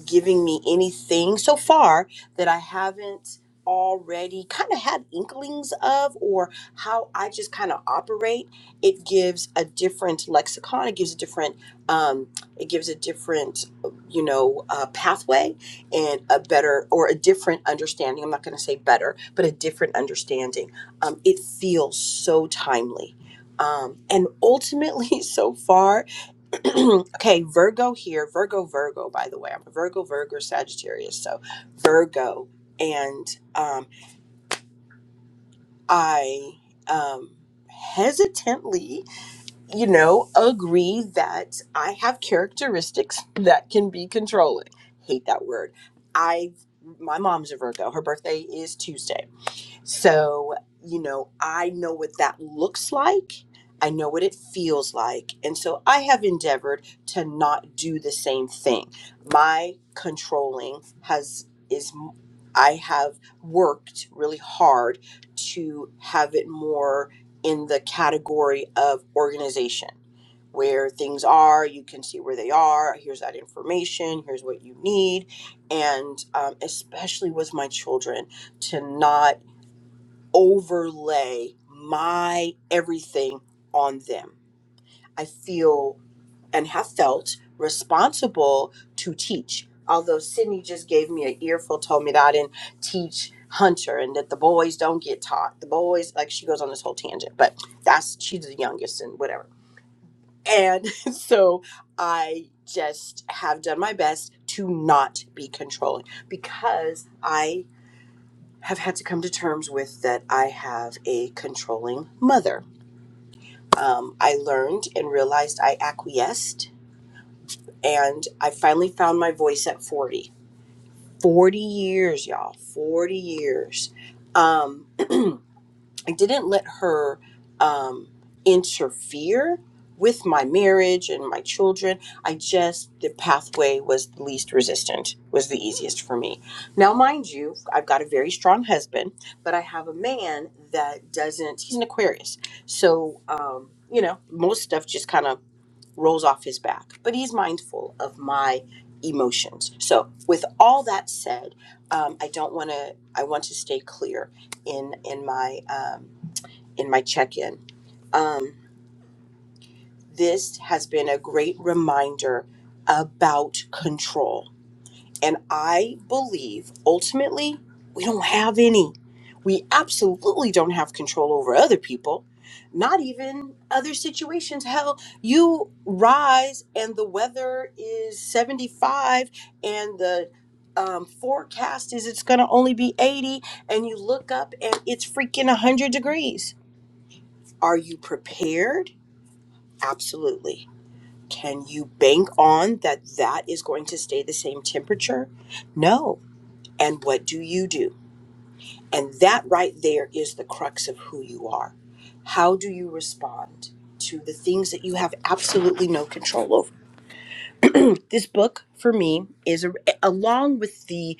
S3: giving me anything so far that I haven't already kind of had inklings of or how I just kind of operate. It gives a different lexicon. It gives a different, um, it gives a different, you know, uh, pathway and a better or a different understanding. I'm not going to say better, but a different understanding. Um, it feels so timely. Um, and ultimately, so far, okay, Virgo here. Virgo, Virgo, by the way. I'm a Virgo, Virgo, Sagittarius. So Virgo. And um, I um, hesitantly, you know, agree that I have characteristics that can be controlling. Hate that word. I, my mom's a Virgo. Her birthday is Tuesday. So, you know, I know what that looks like. I know what it feels like. And so I have endeavored to not do the same thing. My controlling has is I have worked really hard to have it more in the category of organization where things are you can see where they are here's that information here's what you need and um, especially with my children to not overlay my everything on them. I feel and have felt responsible to teach. Although Sydney just gave me an earful, told me that I didn't teach Hunter and that the boys don't get taught. The boys, like she goes on this whole tangent, but that's she's the youngest and whatever. And so I just have done my best to not be controlling because I have had to come to terms with that I have a controlling mother. Um, I learned and realized I acquiesced, and I finally found my voice at 40. 40 years, y'all. 40 years. Um, I didn't let her um, interfere with my marriage and my children. I just, the pathway was the least resistant, was the easiest for me. Now, mind you, I've got a very strong husband, but I have a man that doesn't, he's an Aquarius. So, um, you know, most stuff just kind of rolls off his back, but he's mindful of my emotions. So, with all that said, um, I don't want to, I want to stay clear in, in my, um, in my check-in. Um, this has been a great reminder about control. And I believe ultimately we don't have any. We absolutely don't have control over other people, not even other situations. Hell, you rise and the weather is 75 and the um, forecast is it's going to only be 80 and you look up and it's freaking 100 degrees. Are you prepared? Absolutely. Can you bank on that that is going to stay the same temperature? No. And what do you do? And that right there is the crux of who you are. How do you respond to the things that you have absolutely no control over? this book for me is a, along with the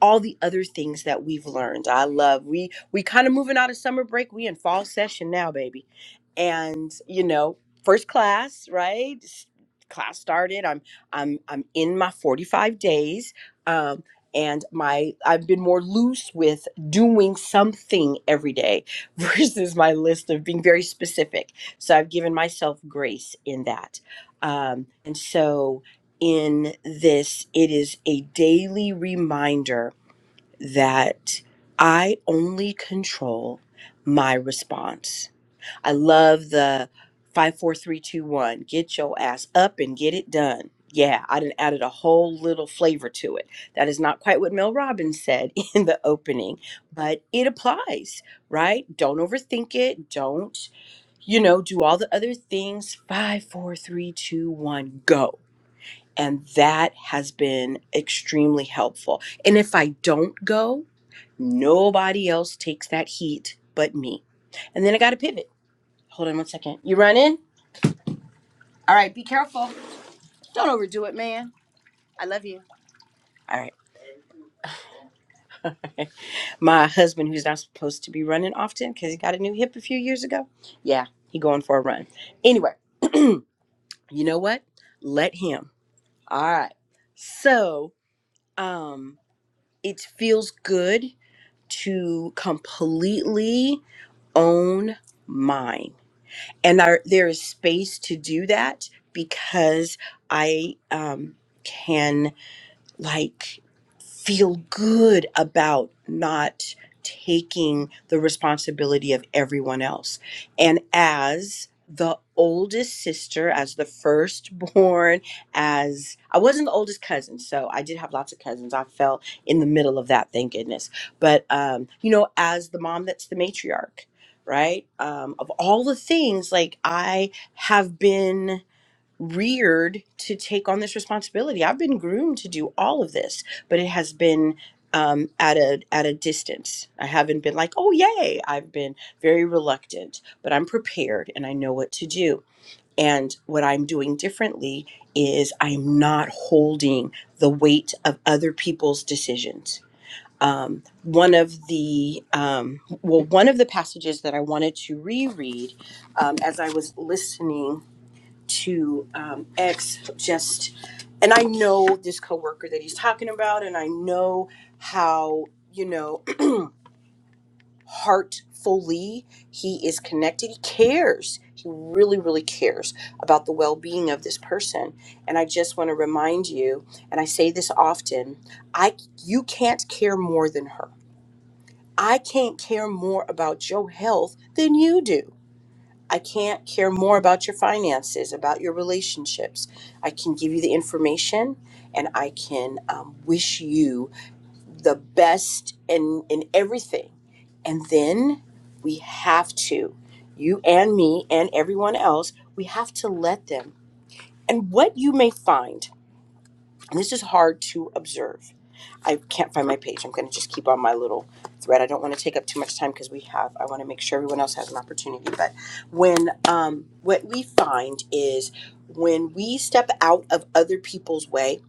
S3: all the other things that we've learned. I love we we kind of moving out of summer break. We in fall session now, baby. And you know, first class, right? S- Class started. I'm I'm I'm in my 45 days. Um and my I've been more loose with doing something every day versus my list of being very specific. So I've given myself grace in that. Um and so in this it is a daily reminder that I only control my response. I love the five, four, three, two, one. Get your ass up and get it done. Yeah, I didn't added a whole little flavor to it. That is not quite what Mel Robbins said in the opening, but it applies, right? Don't overthink it. Don't, you know, do all the other things. Five, four, three, two, one, go and that has been extremely helpful. And if I don't go, nobody else takes that heat but me. And then I got to pivot. Hold on one second. You run in? All right, be careful. Don't overdo it, man. I love you. All right. My husband, who's not supposed to be running often because he got a new hip a few years ago. Yeah, he going for a run. Anyway, you know what? Let him. All right. So, um, it feels good to completely own mine. And I, there is space to do that because I um, can like feel good about not taking the responsibility of everyone else. And as the oldest sister, as the firstborn, as I wasn't the oldest cousin, so I did have lots of cousins. I fell in the middle of that, thank goodness. But um, you know, as the mom that's the matriarch, right? Um, of all the things, like I have been reared to take on this responsibility. I've been groomed to do all of this, but it has been um, at a at a distance. I haven't been like, oh yay! I've been very reluctant, but I'm prepared and I know what to do. And what I'm doing differently is I'm not holding the weight of other people's decisions. Um, one of the um, well, one of the passages that I wanted to reread um, as I was listening to um, X just and I know this coworker that he's talking about and I know how you know heartfully he is connected he cares he really really cares about the well-being of this person and I just want to remind you and I say this often I you can't care more than her I can't care more about your health than you do I can't care more about your finances, about your relationships. I can give you the information and I can um, wish you the best in, in everything. And then we have to, you and me and everyone else, we have to let them. And what you may find, and this is hard to observe I can't find my page. I'm going to just keep on my little thread. I don't want to take up too much time because we have. I want to make sure everyone else has an opportunity. But when um, what we find is when we step out of other people's way,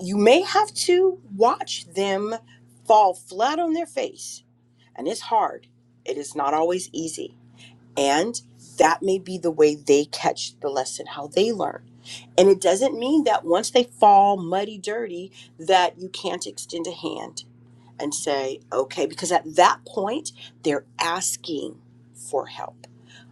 S3: you may have to watch them fall flat on their face, and it's hard. It is not always easy, and that may be the way they catch the lesson, how they learn. And it doesn't mean that once they fall muddy, dirty, that you can't extend a hand and say, okay, because at that point, they're asking for help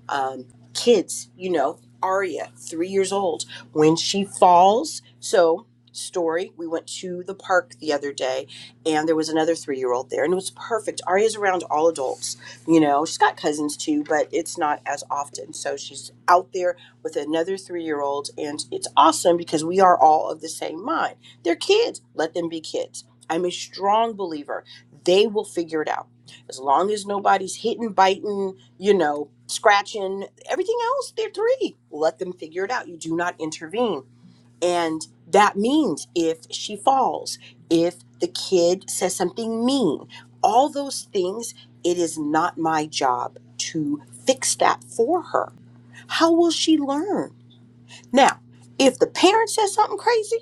S3: um, kids, you know, Aria, three years old, when she falls. So, story, we went to the park the other day and there was another three year old there and it was perfect. Aria's around all adults, you know, she's got cousins too, but it's not as often. So, she's out there with another three year old and it's awesome because we are all of the same mind. They're kids, let them be kids. I'm a strong believer they will figure it out. As long as nobody's hitting, biting, you know, scratching everything else, they're three. Let them figure it out. You do not intervene. And that means if she falls, if the kid says something mean, all those things, it is not my job to fix that for her. How will she learn? Now, if the parent says something crazy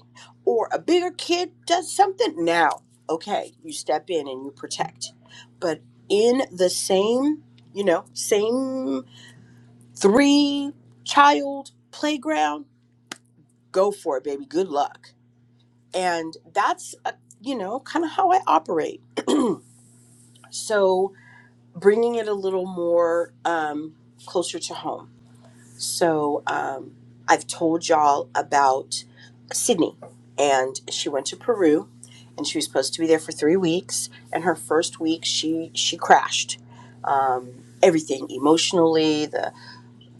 S3: or a bigger kid does something, now, okay, you step in and you protect. But in the same, you know, same three child playground go for it baby good luck and that's uh you know kind of how i operate so bringing it a little more um, closer to home so um, i've told y'all about sydney and she went to peru and she was supposed to be there for three weeks and her first week she she crashed um, everything emotionally the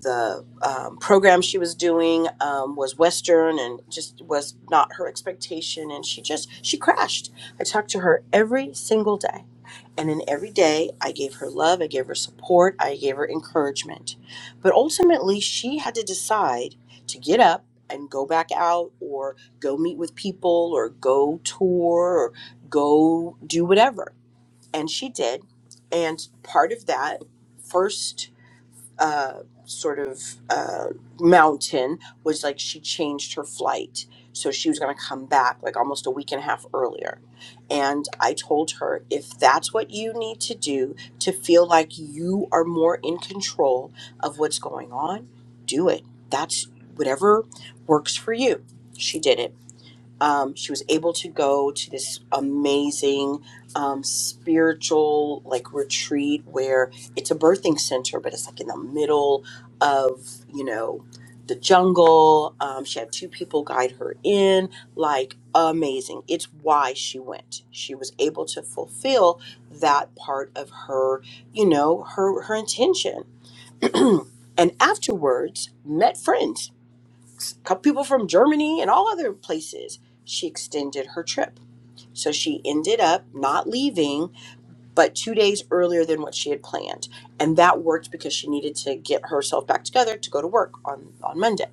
S3: the um, program she was doing um, was western and just was not her expectation and she just she crashed i talked to her every single day and in every day i gave her love i gave her support i gave her encouragement but ultimately she had to decide to get up and go back out or go meet with people or go tour or go do whatever and she did and part of that first uh, sort of uh, mountain was like she changed her flight. So she was going to come back like almost a week and a half earlier. And I told her if that's what you need to do to feel like you are more in control of what's going on, do it. That's whatever works for you. She did it um, she was able to go to this amazing um, spiritual like retreat where it's a birthing center but it's like in the middle of you know the jungle um, she had two people guide her in like amazing it's why she went she was able to fulfill that part of her you know her her intention and afterwards met friends couple people from Germany and all other places. She extended her trip. So she ended up not leaving, but two days earlier than what she had planned. And that worked because she needed to get herself back together to go to work on, on Monday.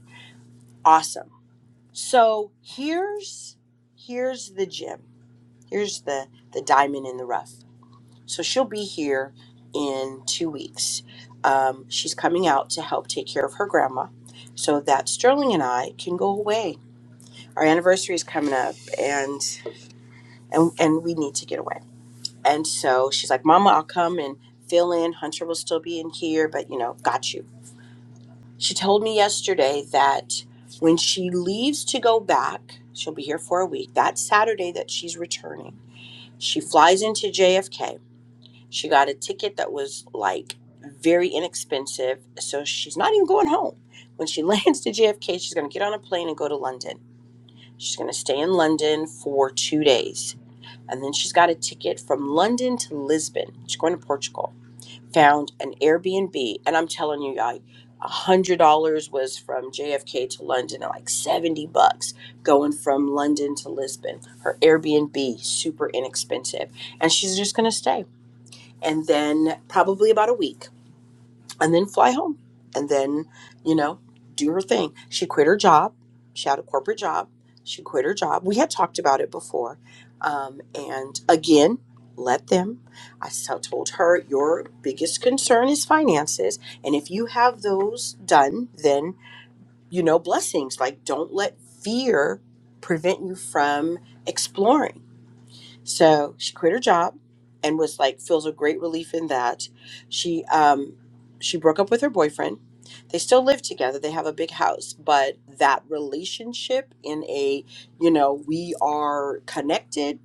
S3: Awesome. So here's here's the gem. Here's the, the diamond in the rough. So she'll be here in two weeks. Um, she's coming out to help take care of her grandma so that Sterling and I can go away our anniversary is coming up and and and we need to get away and so she's like mama i'll come and fill in hunter will still be in here but you know got you she told me yesterday that when she leaves to go back she'll be here for a week that saturday that she's returning she flies into jfk she got a ticket that was like very inexpensive so she's not even going home when she lands to jfk she's going to get on a plane and go to london she's going to stay in london for two days And then she's got a ticket from London to Lisbon. She's going to Portugal. Found an Airbnb. And I'm telling you, I $100 was from JFK to London and like 70 bucks going from London to Lisbon. Her Airbnb, super inexpensive. And she's just going to stay. And then probably about a week and then fly home and then you know do her thing she quit her job she had a corporate job she quit her job we had talked about it before um, and again let them i so- told her your biggest concern is finances and if you have those done then you know blessings like don't let fear prevent you from exploring so she quit her job and was like feels a great relief in that. She um she broke up with her boyfriend. They still live together. They have a big house, but that relationship in a, you know, we are connected,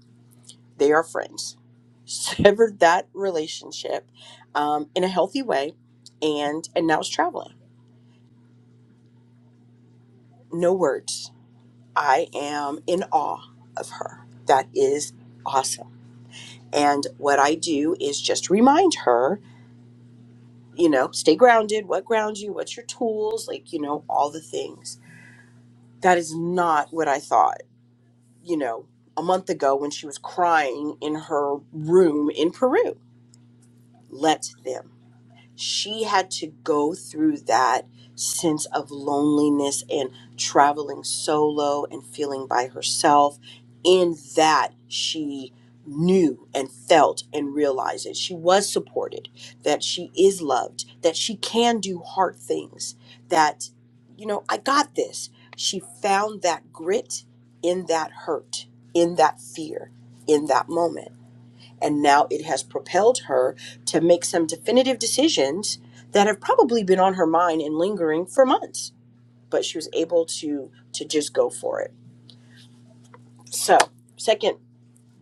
S3: they are friends. Severed that relationship um, in a healthy way and and now is traveling. No words. I am in awe of her. That is awesome. And what I do is just remind her you know, stay grounded. What grounds you? What's your tools? Like, you know, all the things. That is not what I thought, you know, a month ago when she was crying in her room in Peru. Let them she had to go through that sense of loneliness and traveling solo and feeling by herself. In that, she knew and felt and realized that she was supported, that she is loved, that she can do hard things, that, you know, I got this. She found that grit in that hurt, in that fear, in that moment. And now it has propelled her to make some definitive decisions that have probably been on her mind and lingering for months. But she was able to to just go for it. So, second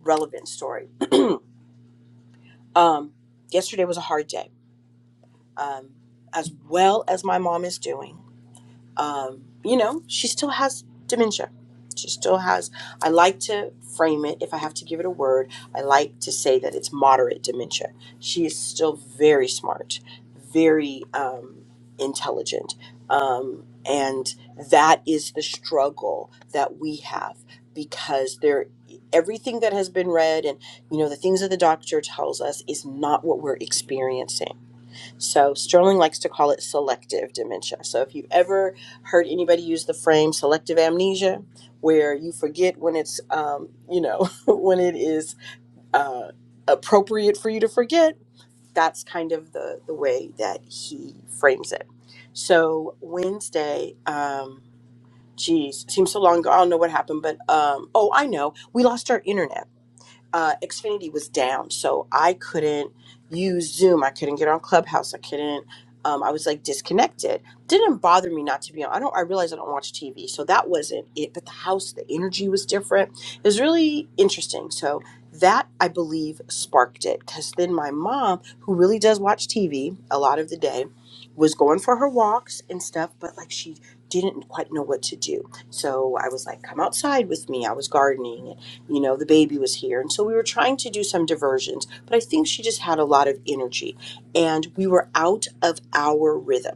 S3: relevant story. Um, yesterday was a hard day. Um, as well as my mom is doing. um, you know, she still has dementia. She still has. I like to frame it, if I have to give it a word, I like to say that it's moderate dementia. She is still very smart, very um, intelligent. Um, and that is the struggle that we have because there everything that has been read and you know the things that the doctor tells us is not what we're experiencing so Sterling likes to call it selective dementia. So if you ever heard anybody use the frame selective amnesia, where you forget when it's, um, you know, when it is uh, appropriate for you to forget, that's kind of the the way that he frames it. So Wednesday, um, geez, seems so long ago. I don't know what happened, but um, oh, I know, we lost our internet uh, Xfinity was down, so I couldn't use Zoom. I couldn't get on Clubhouse. I couldn't. Um, I was like disconnected. Didn't bother me not to be on. I don't. I realized I don't watch TV, so that wasn't it. But the house, the energy was different. It was really interesting. So that I believe sparked it, because then my mom, who really does watch TV a lot of the day, was going for her walks and stuff, but like she didn't quite know what to do. So I was like, "Come outside with me." I was gardening you know, the baby was here. And so we were trying to do some diversions, but I think she just had a lot of energy and we were out of our rhythm.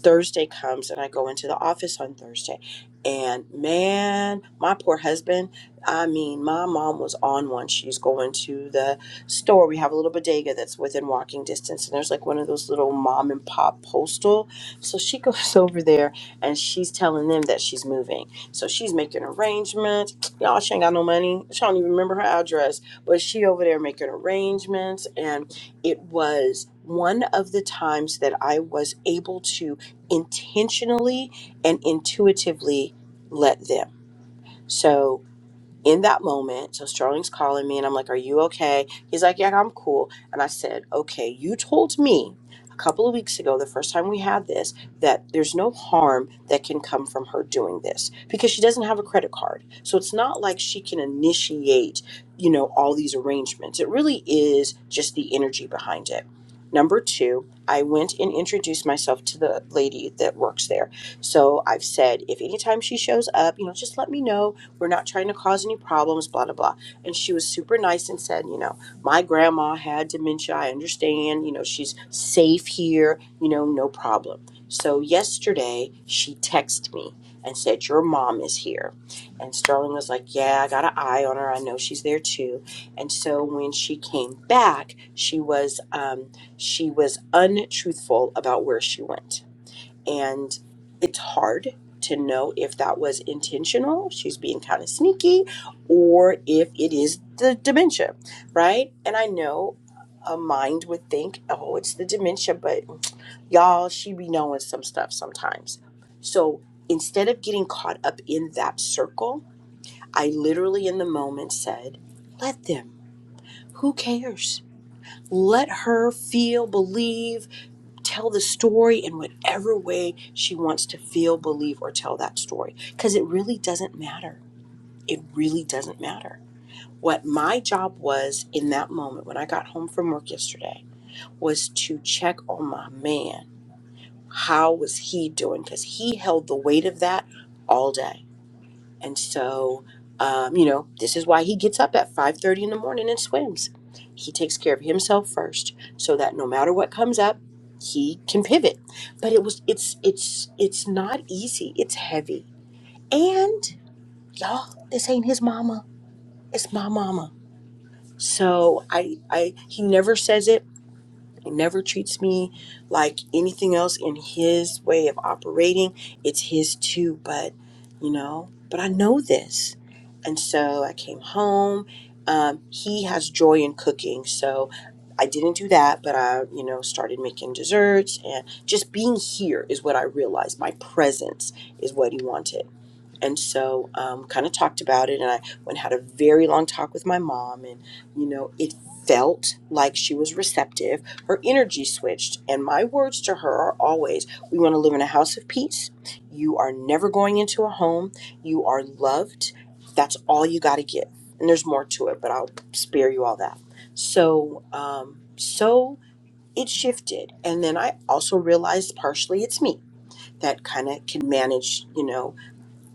S3: Thursday comes and I go into the office on Thursday. And man, my poor husband, I mean, my mom was on one. She's going to the store. We have a little bodega that's within walking distance, and there's like one of those little mom and pop postal. So she goes over there and she's telling them that she's moving. So she's making arrangements. Y'all, she ain't got no money. She don't even remember her address, but she over there making arrangements. And it was one of the times that I was able to intentionally and intuitively let them. So in that moment, so Sterling's calling me and I'm like, Are you okay? He's like, Yeah, I'm cool. And I said, Okay, you told me a couple of weeks ago, the first time we had this, that there's no harm that can come from her doing this because she doesn't have a credit card. So it's not like she can initiate, you know, all these arrangements. It really is just the energy behind it. Number two, I went and introduced myself to the lady that works there. So I've said, if anytime she shows up, you know, just let me know we're not trying to cause any problems, blah, blah, blah. And she was super nice and said, You know, my grandma had dementia. I understand. You know, she's safe here. You know, no problem. So yesterday, she texted me and said, Your mom is here. And Sterling was like, Yeah, I got an eye on her. I know she's there too. And so when she came back, she was um, she was untruthful about where she went and it's hard to know if that was intentional she's being kind of sneaky or if it is the dementia right and i know a mind would think oh it's the dementia but y'all she be knowing some stuff sometimes so instead of getting caught up in that circle i literally in the moment said let them who cares let her feel believe tell the story in whatever way she wants to feel, believe, or tell that story. Because it really doesn't matter. It really doesn't matter. What my job was in that moment when I got home from work yesterday was to check on my man. How was he doing? Because he held the weight of that all day. And so, um, you know, this is why he gets up at 5:30 in the morning and swims. He takes care of himself first so that no matter what comes up, he can pivot. But it was it's it's it's not easy. It's heavy. And y'all, this ain't his mama. It's my mama. So I I he never says it he never treats me like anything else in his way of operating. It's his too, but you know, but I know this. And so I came home. Um, he has joy in cooking. So I didn't do that, but I, you know, started making desserts and just being here is what I realized. My presence is what he wanted and so um, kind of talked about it and i went and had a very long talk with my mom and you know it felt like she was receptive her energy switched and my words to her are always we want to live in a house of peace you are never going into a home you are loved that's all you got to give and there's more to it but i'll spare you all that so um, so it shifted and then i also realized partially it's me that kind of can manage you know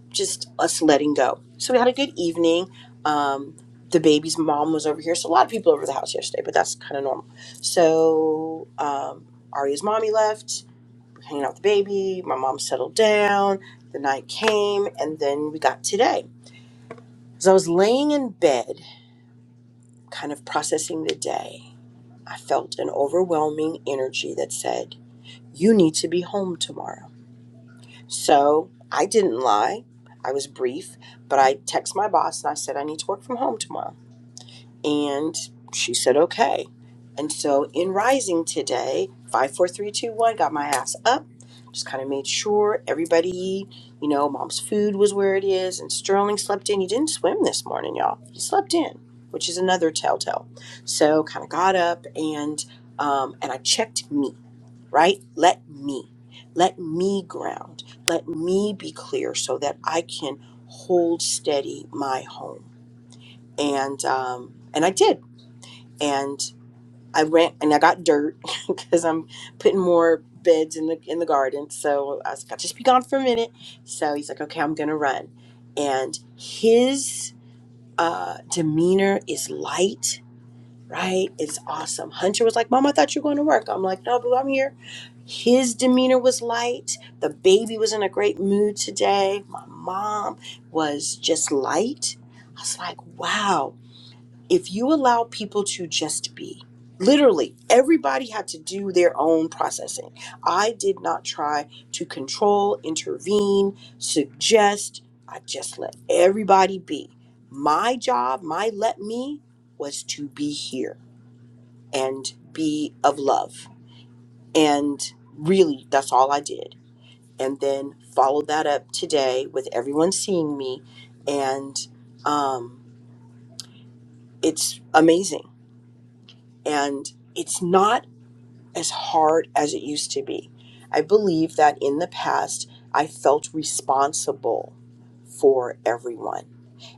S3: just us letting go. So we had a good evening. Um, the baby's mom was over here, so a lot of people over the house yesterday, but that's kind of normal. So um, Arya's mommy left. We're hanging out with the baby. My mom settled down. The night came, and then we got today. As I was laying in bed, kind of processing the day, I felt an overwhelming energy that said, "You need to be home tomorrow." So I didn't lie. I was brief, but I texted my boss and I said, I need to work from home tomorrow. And she said, okay. And so in rising today, 54321, got my ass up, just kind of made sure everybody, you know, mom's food was where it is. And Sterling slept in. He didn't swim this morning, y'all. He slept in, which is another telltale. So kind of got up and um, and I checked me right? Let me, let me ground, let me be clear so that I can hold steady my home. And um, and I did, and I ran and I got dirt because I'm putting more beds in the in the garden. So I was like, I'll just be gone for a minute. So he's like, okay, I'm gonna run, and his uh, demeanor is light right? It's awesome. Hunter was like, Mom, I thought you were going to work. I'm like, No, boo, I'm here. His demeanor was light. The baby was in a great mood today. My mom was just light. I was like, Wow, if you allow people to just be, literally, everybody had to do their own processing. I did not try to control, intervene, suggest. I just let everybody be. My job, my let me was to be here and be of love. And really, that's all I did. And then follow that up today with everyone seeing me. And um, it's amazing. And it's not as hard as it used to be. I believe that in the past, I felt responsible for everyone.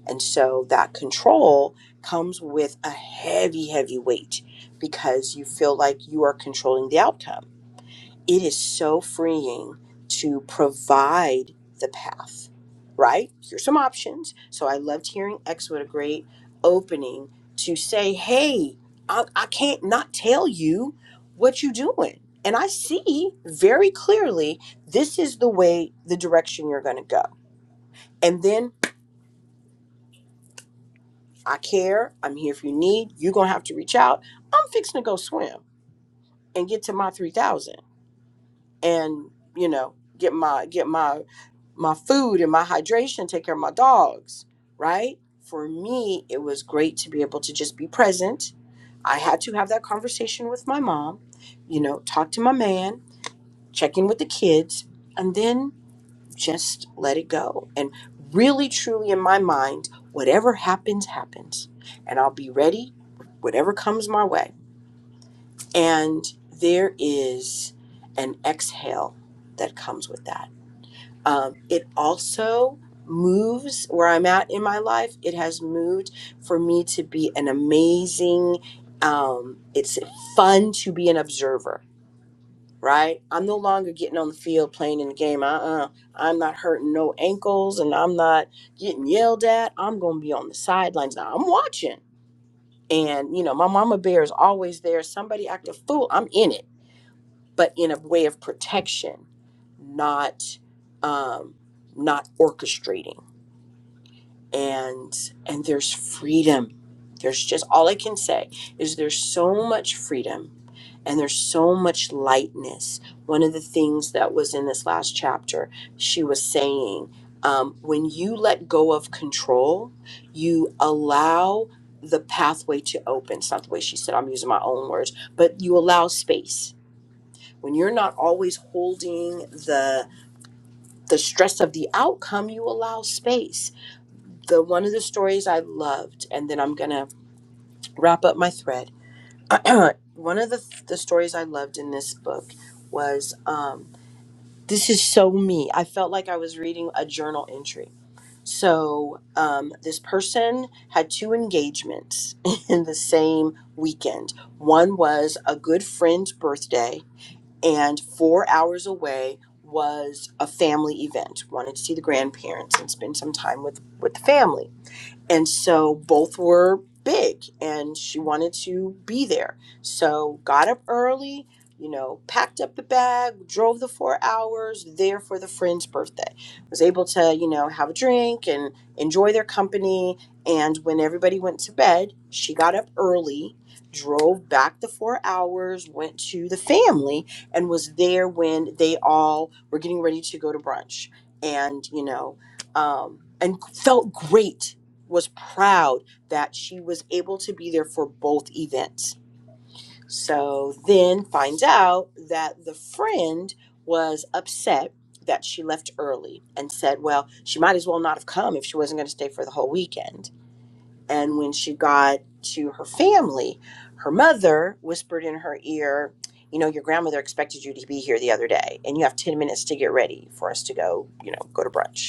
S3: And so that control comes with a heavy, heavy weight because you feel like you are controlling the outcome it is so freeing to provide the path, right? Here's some options. So I loved hearing X. What a great opening to say, hey, I, I can't not tell you what you're doing. And I see very clearly this is the way, the direction you're going to go. And then I care. I'm here if you need. You're going to have to reach out. I'm fixing to go swim and get to my 3,000 and you know get my get my my food and my hydration take care of my dogs right for me it was great to be able to just be present i had to have that conversation with my mom you know talk to my man check in with the kids and then just let it go and really truly in my mind whatever happens happens and i'll be ready whatever comes my way and there is an exhale that comes with that um, it also moves where I'm at in my life. It has moved for me to be an amazing, um, it's fun to be an observer, right? I'm no longer getting on the field playing in the game. Uh uh i am not hurting no ankles and I'm not getting yelled at. I'm going to be on the sidelines. Now I'm watching. And, you know, my mama bear is always there. Somebody act a fool. I'm in it but in a way of protection, not um, not orchestrating. And and there's freedom. There's just all I can say is there's so much freedom and there's so much lightness. One of the things that was in this last chapter, she was saying, um, when you let go of control, you allow the pathway to open. It's not the way she said. I'm using my own words, but you allow space when you're not always holding the the stress of the outcome you allow space the one of the stories i loved and then i'm gonna wrap up my thread one of the the stories i loved in this book was um this is so me i felt like i was reading a journal entry so um, this person had two engagements in the same weekend. One was a good friend's birthday, and four hours away was a family event. Wanted to see the grandparents and spend some time with with the family. And so both were big and she wanted to be there. So got up early, you know, packed up the bag, drove the four hours there for the friend's birthday. Was able to, you know, have a drink and enjoy their company. And when everybody went to bed, she got up early, drove back the four hours, went to the family, and was there when they all were getting ready to go to brunch. And, you know, um, and felt great was proud that she was able to be there for both events. So then finds out that the friend was upset that she left early and said, well, she might as well not have come if she wasn't going to stay for the whole weekend. And when she got to her family, her mother whispered in her ear, you know, your grandmother expected you to be here the other day, and you have 10 minutes to get ready for us to go, you know, go to brunch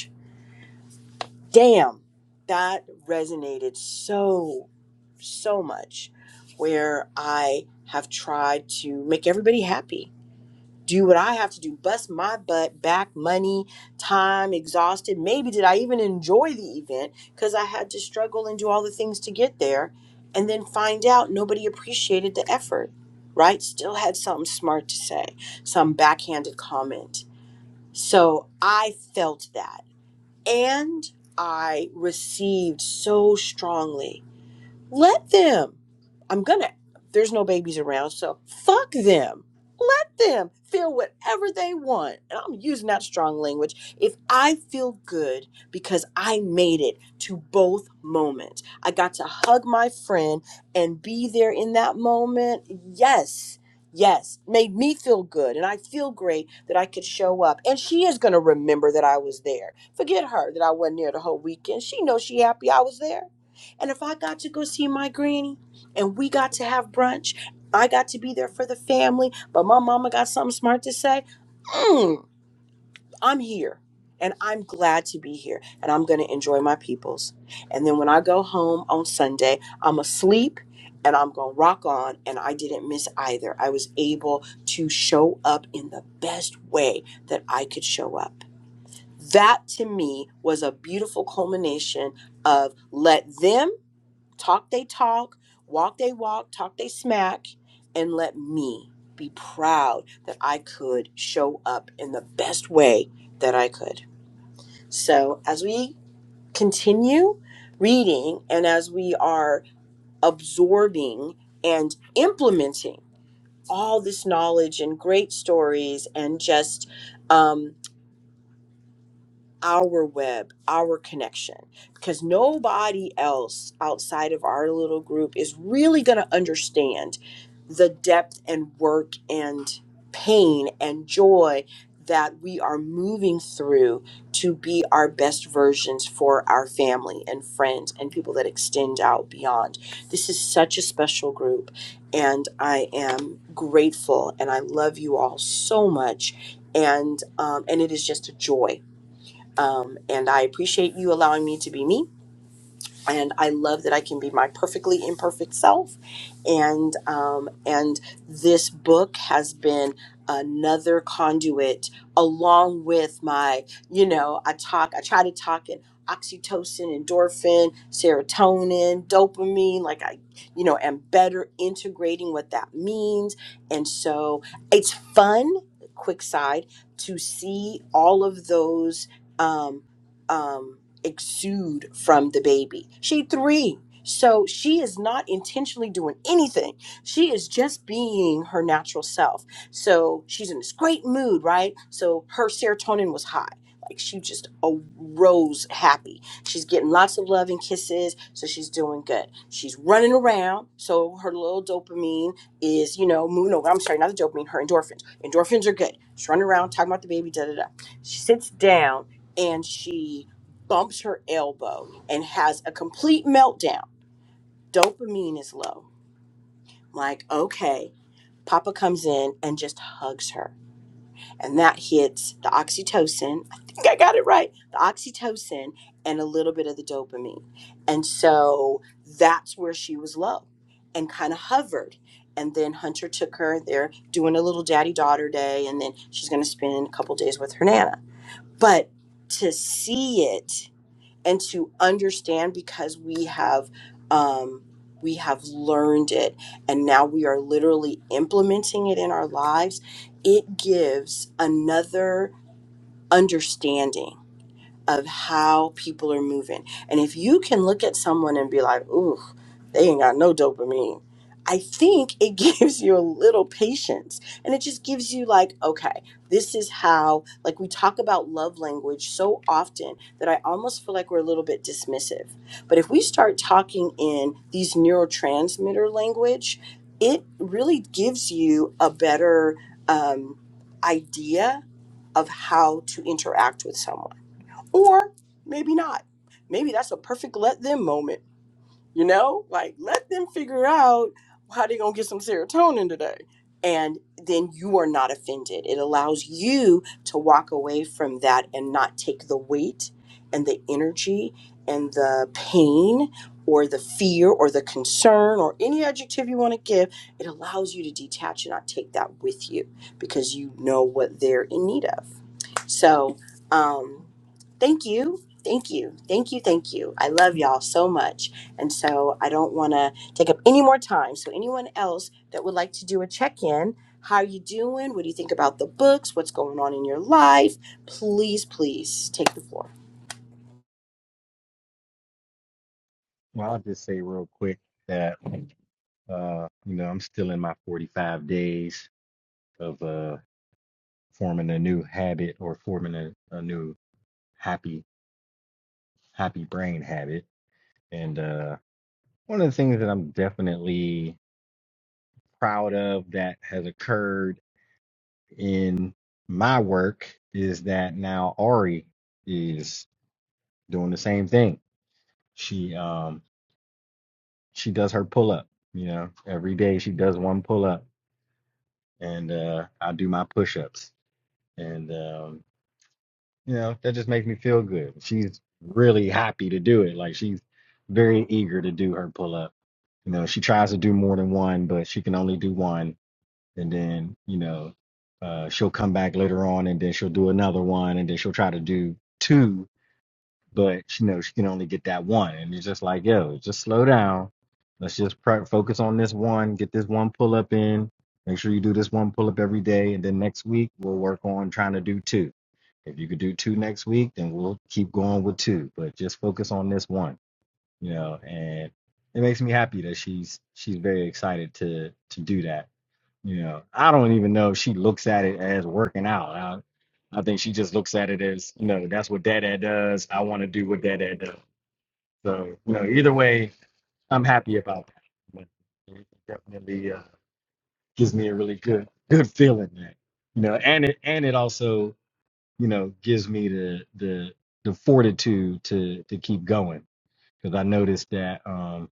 S3: damn that resonated so so much where i have tried to make everybody happy do what i have to do bust my butt back money time exhausted maybe did i even enjoy the event because i had to struggle and do all the things to get there and then find out nobody appreciated the effort right still had something smart to say some backhanded comment so i felt that and I received so strongly let them. I'm gonna. There's no babies around, so fuck them. Let them feel whatever they want. And I'm using that strong language. If I feel good because I made it to both moments, I got to hug my friend and be there in that moment. Yes, yes, made me feel good. And I feel great that I could show up. And she is going to remember that I was there. Forget her that I wasn't there the whole weekend. She knows she happy I was there and if I got to go see my granny and we got to have brunch, I got to be there for the family, but my mama got something smart to say, mm, I'm here. And I'm glad to be here. And I'm going to enjoy my peoples. And then when I go home on Sunday, I'm asleep and I'm going to rock on. And I didn't miss either. I was able to show up in the best way that I could show up. That to me was a beautiful culmination of let them Talk they talk, walk they walk, talk they smack, and let me be proud that I could show up in the best way that I could. So, as we continue reading and as we are absorbing and implementing all this knowledge and great stories and just um, our web, our connection, because nobody else outside of our little group is really going to understand the depth and work and pain and joy that we are moving through to be our best versions for our family and friends and people that extend out beyond. This is such a special group, and I am grateful and I love you all so much. And um, and it is just a joy um, and I appreciate you allowing me to be me and I love that I can be my perfectly imperfect self. And um, and this book has been another conduit along with my, you know, I talk, I try to talk in oxytocin, endorphin, serotonin, dopamine. Like I, you know, am better integrating what that means. And so it's fun. Quick side to see all of those. Um, um, exude from the baby. She three. So she is not intentionally doing anything. She is just being her natural self. So she's in this great mood, right? So her serotonin was high. Like she just arose happy. She's getting lots of love and kisses. So she's doing good. She's running around. So her little dopamine is, you know, moving. No, I'm sorry, not the dopamine, her endorphins. Endorphins are good. She's running around, talking about the baby, da da da. She sits down and she bumps her elbow and has a complete meltdown. Dopamine is low. I'm like, okay. Papa comes in and just hugs her. And that hits the oxytocin. I think I got it right. The oxytocin and a little bit of the dopamine. And so that's where she was low and kind of hovered. And then Hunter took her. They're doing a little daddy daughter day. And then she's going to spend a couple days with her Nana. But to see it and to understand because we have um, we have learned it and now we are literally implementing it in our lives it gives another understanding of how people are moving. And if you can look at someone and be like, ooh, they ain't got no dopamine, I think it gives you a little patience. And it just gives you, like, okay, this is how, like, we talk about love language so often that I almost feel like we're a little bit dismissive. But if we start talking in these neurotransmitter language, it really gives you a better um, idea of how to interact with someone or maybe not. Maybe that's a perfect let them moment. You know, like let them figure out how they're gonna get some serotonin today. And then you are not offended. It allows you to walk away from that and not take the weight and the energy and the pain or the fear or the concern or any adjective you want to give. It allows you to detach and not take that with you because you know what they're in need of. So, um, thank you. Thank you. Thank you. Thank you. I love y'all so much. And so I don't want to take up any more time. So, anyone else that would like to do a check in, how are you doing? What do you think about the books? What's going on in your life? Please, please take the floor.
S4: Well, I'll just say real quick that uh, you know, I'm still in my 45 days of uh forming a new habit or forming a, a new happy happy brain habit. And uh one of the things that I'm definitely proud of that has occurred in my work is that now Ari is doing the same thing. She um she does her pull up, you know, every day she does one pull up and uh I do my push ups and um, you know that just makes me feel good. She's really happy to do it. Like she's very eager to do her pull up. You know, she tries to do more than one, but she can only do one, and then you know uh, she'll come back later on, and then she'll do another one, and then she'll try to do two but she knows she can only get that one. And it's just like, yo, just slow down. Let's just pr- focus on this one, get this one pull up in. Make sure you do this one pull up every day. And then next week, we'll work on trying to do two. If you could do two next week, then we'll keep going with two, but just focus on this one, you know. And it makes me happy that she's she's very excited to to do that yeah, I don't even know if she looks at it as working out. I, I think she just looks at it as, you know, that's what dad does. I want to do what dad does. So, you know, either way, I'm happy about that. But it definitely uh, gives me a really good, good feeling that, you know, and it and it also, you know, gives me the the the fortitude to to keep going because I noticed that. um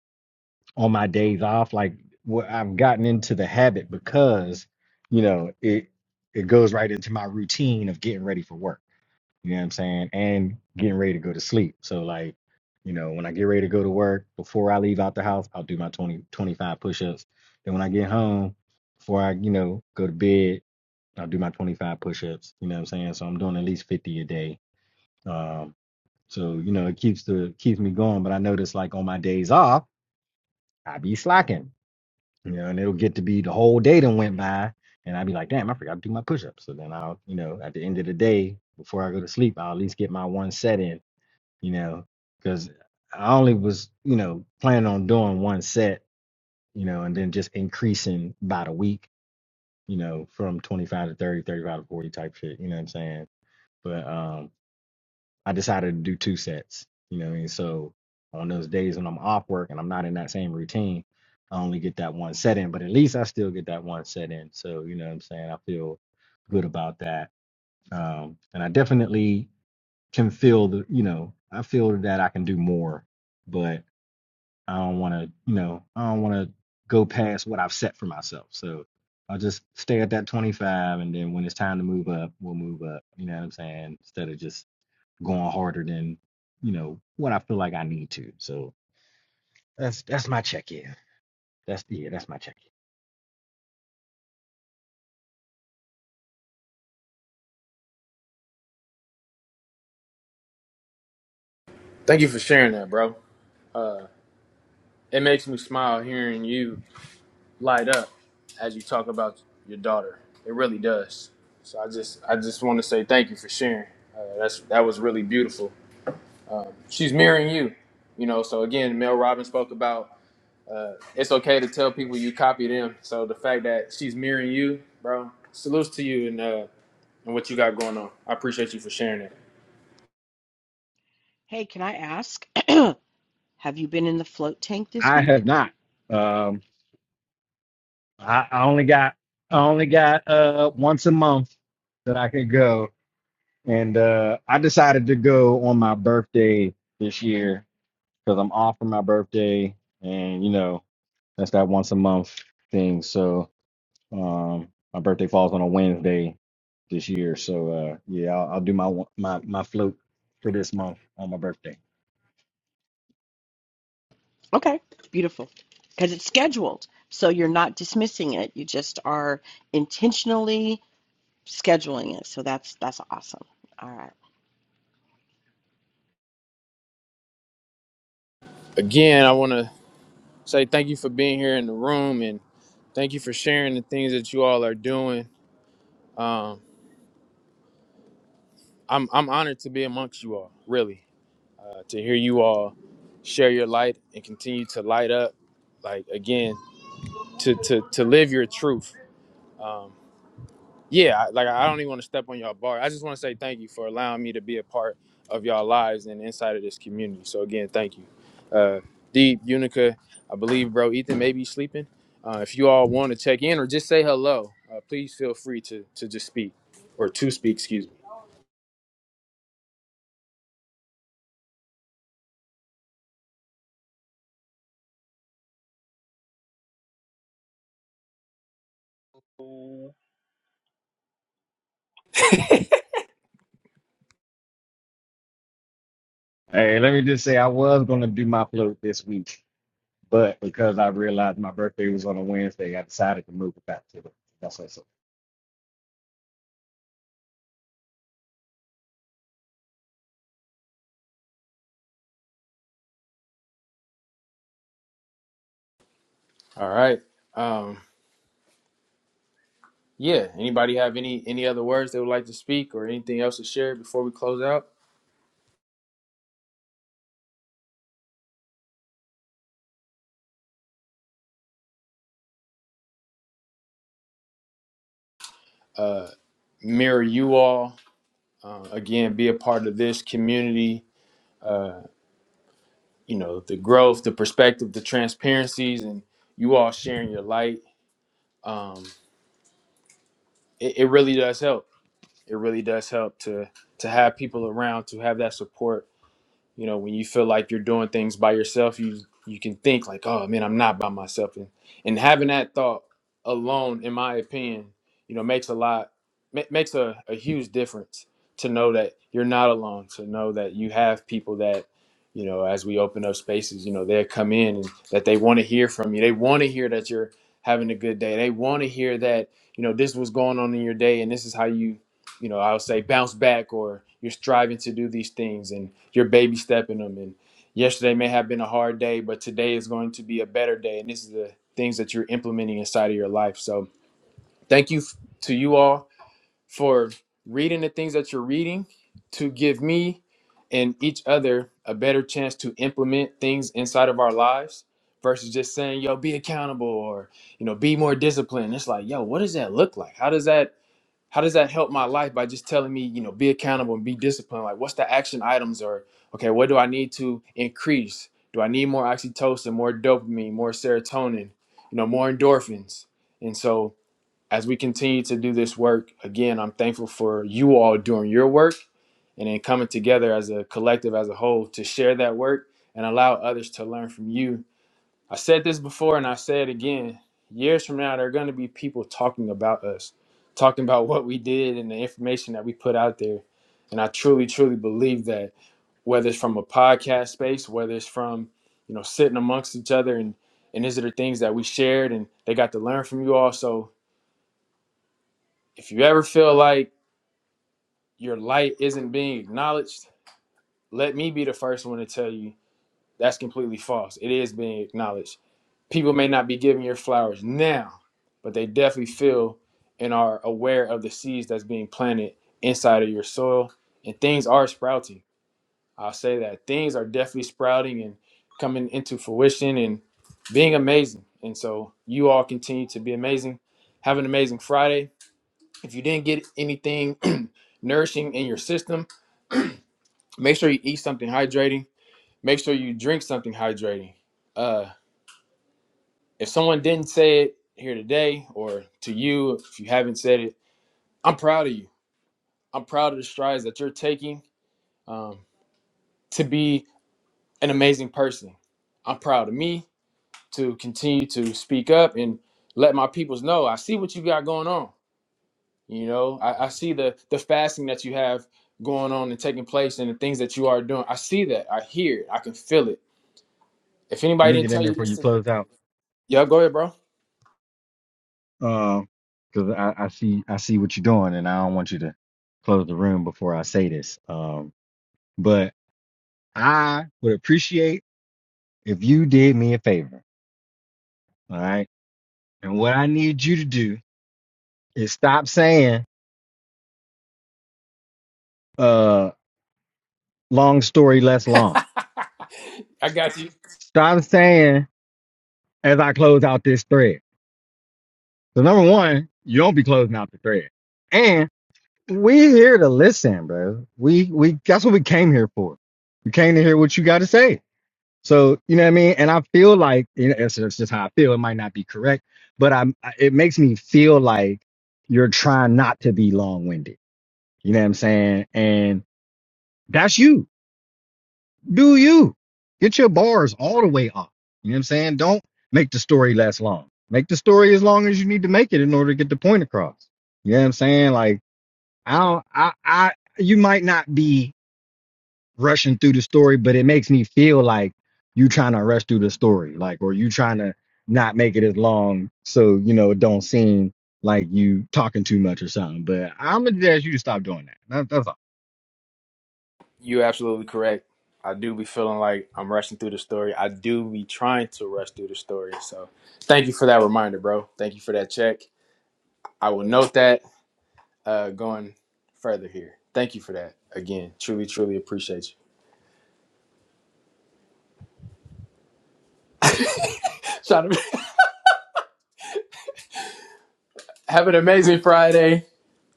S4: on my days off. Like what I've gotten into the habit because, you know, it it goes right into my routine of getting ready for work. You know what I'm saying? And getting ready to go to sleep. So like, you know, when I get ready to go to work, before I leave out the house, I'll do my twenty twenty five 25 push-ups. Then when I get home, before I, you know, go to bed, I'll do my 25 push-ups. You know what I'm saying? So I'm doing at least 50 a day. Um, so, you know, it keeps the keeps me going. But I notice like on my days off, I be slacking. You know, and it'll get to be the whole day done went by, and I'd be like, damn, I forgot to do my push-ups. So then I'll, you know, at the end of the day, before I go to sleep, I'll at least get my one set in, you know, because I only was, you know, planning on doing one set, you know, and then just increasing by the week, you know, from 25 to 30, 35 to 40 type shit, you know what I'm saying? But um I decided to do two sets. You know what I mean? So on those days when I'm off work and I'm not in that same routine, I only get that one set in, but at least I still get that one set in. So, you know what I'm saying? I feel good about that. Um, and I definitely can feel the, you know, I feel that I can do more, but I don't want to, you know, I don't want to go past what I've set for myself. So I'll just stay at that 25. And then when it's time to move up, we'll move up. You know what I'm saying? Instead of just going harder than you know what I feel like I need to. So that's that's my check in. That's yeah, that's my check
S1: thank you for sharing that, bro. It makes me smile hearing you light up as you talk about your daughter. It really does. So I just, I just want to say thank you for sharing. Uh, that's that was really beautiful. She's mirroring you, you know. So again, Mel Robbins spoke about uh, it's okay to tell people you copy them. So the fact that she's mirroring you, bro, salutes to you and. Uh, and what you got going on. I appreciate you for sharing it.
S3: Hey, can I ask, have you been in the float tank
S4: in.
S3: this
S4: I have
S3: week?
S4: not. Um, I, I only got I only got uh once a month that I could go, and uh, I decided to go on my birthday this year because I'm off for my birthday, and you know that's that once a month thing. So Um, my birthday falls on a Wednesday this year, so uh, yeah, I'll, I'll do my wa- my my float for this month on my birthday.
S3: Okay, beautiful. Because it's scheduled. So you're not dismissing it. You just are intentionally scheduling it. So that's that's awesome. All right.
S1: Again, I want to say thank you for being here in the room and thank you for sharing the things that you all are doing. Um, I'm I'm honored to be amongst you all, really, uh, to hear you all share your light and continue to light up. Like again, to to to live your truth. Um, yeah, like I don't even want to step on y'all bar. I just want to say thank you for allowing me to be a part of y'all lives and inside of this community. So again, thank you. Uh Deep, Unica, I believe bro Ethan may be sleeping. Uh, if you all want to check in or just say hello, uh, please feel free to to just speak or to speak, excuse me.
S4: Hey, let me just say, I was gonna do my float this week, but because I realized my birthday was on a Wednesday, I decided to move it back to the. That's what. So
S1: All right. Um yeah, anybody have any any other words they would like to speak or anything else to share before we close out? Uh mirror you all uh, again be a part of this community. Uh you know the growth the perspective the transparencies and you all sharing your light um it, it really does help it really does help to to have people around to have that support you know, when you feel like you're doing things by yourself, you you can think like, oh man, I'm not by myself. And, and having that thought alone, in my opinion, you know, makes a lot ma- makes a, a huge difference to know that you're not alone, to know that you have people that, you know, as we open up spaces, you know, they'll come in and that they want to hear from you. They want to hear that you're having a good day. They want to hear that, you know, this was going on in your day and this is how you you know, I would say bounce back or you're striving to do these things and you're baby stepping them. And yesterday may have been a hard day, but today is going to be a better day. And this is the things that you're implementing inside of your life. So thank you f- to you all for reading the things that you're reading to give me and each other a better chance to implement things inside of our lives versus just saying, yo, be accountable or, you know, be more disciplined. It's like, yo, what does that look like? How does that how does that help my life by just telling me you know be accountable and be disciplined like what's the action items or okay what do i need to increase do i need more oxytocin more dopamine more serotonin you know more endorphins and so as we continue to do this work again i'm thankful for you all doing your work and then coming together as a collective as a whole to share that work and allow others to learn from you I said this before and I say it again. Years from now, there are going to be people talking about us, talking about what we did and the information that we put out there. And I truly, truly believe that whether it's from a podcast space, whether it's from, you know, sitting amongst each other and, and these are the things that we shared and they got to learn from you all. So if you ever feel like your light isn't being acknowledged, let me be the first one to tell you That's completely false. It is being acknowledged. People may not be giving your flowers now, but they definitely feel and are aware of the seeds that's being planted inside of your soil. And things are sprouting. I'll say that. Things are definitely sprouting and coming into fruition and being amazing. And so you all continue to be amazing. Have an amazing Friday. If you didn't get anything nourishing in your system, make sure you eat something hydrating. Make sure you drink something hydrating Uh, If someone didn't say it here today or to you, if you haven't said it, I'm proud of you. I'm proud of the strides that you're taking um, to be an amazing person. I'm proud of me to continue to speak up and let my peoples know I see what you got going on. You know, I, I see the the fasting that you have going on and taking place and the things that you are doing. I see that. I hear it. I can feel it. If
S4: let
S1: anybody
S4: me
S1: didn't
S4: get in
S1: tell
S4: there
S1: you
S4: before
S1: this,
S4: you
S1: today,
S4: close out,
S1: yeah, go ahead, bro.
S4: um, because I, I see I see what you're doing, and I don't want you to close the room before I say this. Um, but I would appreciate if you did me a favor. All right. And what I need you to do is stop saying uh long story less long.
S1: I got you.
S4: Stop saying as I close out this thread. So number one, you don't be closing out the thread. And we here to listen, bro. We we that's what we came here for. We came to hear what you gotta say. So you know what I mean? And I feel like you know, it's, it's just how I feel. It might not be correct, but I'm I- it makes me feel like you're trying not to be long winded. You know what I'm saying? And that's you Do you get your bars all the way up? You know what I'm saying? Don't make the story less long. Make the story as long as you need to make it in order to get the point across. You know what I'm saying? Like I don't, I, I, you might not be rushing through the story, but it makes me feel like you trying to rush through the story, like, or you trying to not make it as long so you know it don't seem like you talking too much or something. But I'm gonna just you to stop doing that. that that's all.
S1: You're absolutely correct. I do be feeling like I'm rushing through the story. I do be trying to rush through the story. So thank you for that reminder, bro. Thank you for that check. I will note that uh, going further here. Thank you for that again. Truly, truly appreciate you. Shout out- Have an amazing Friday.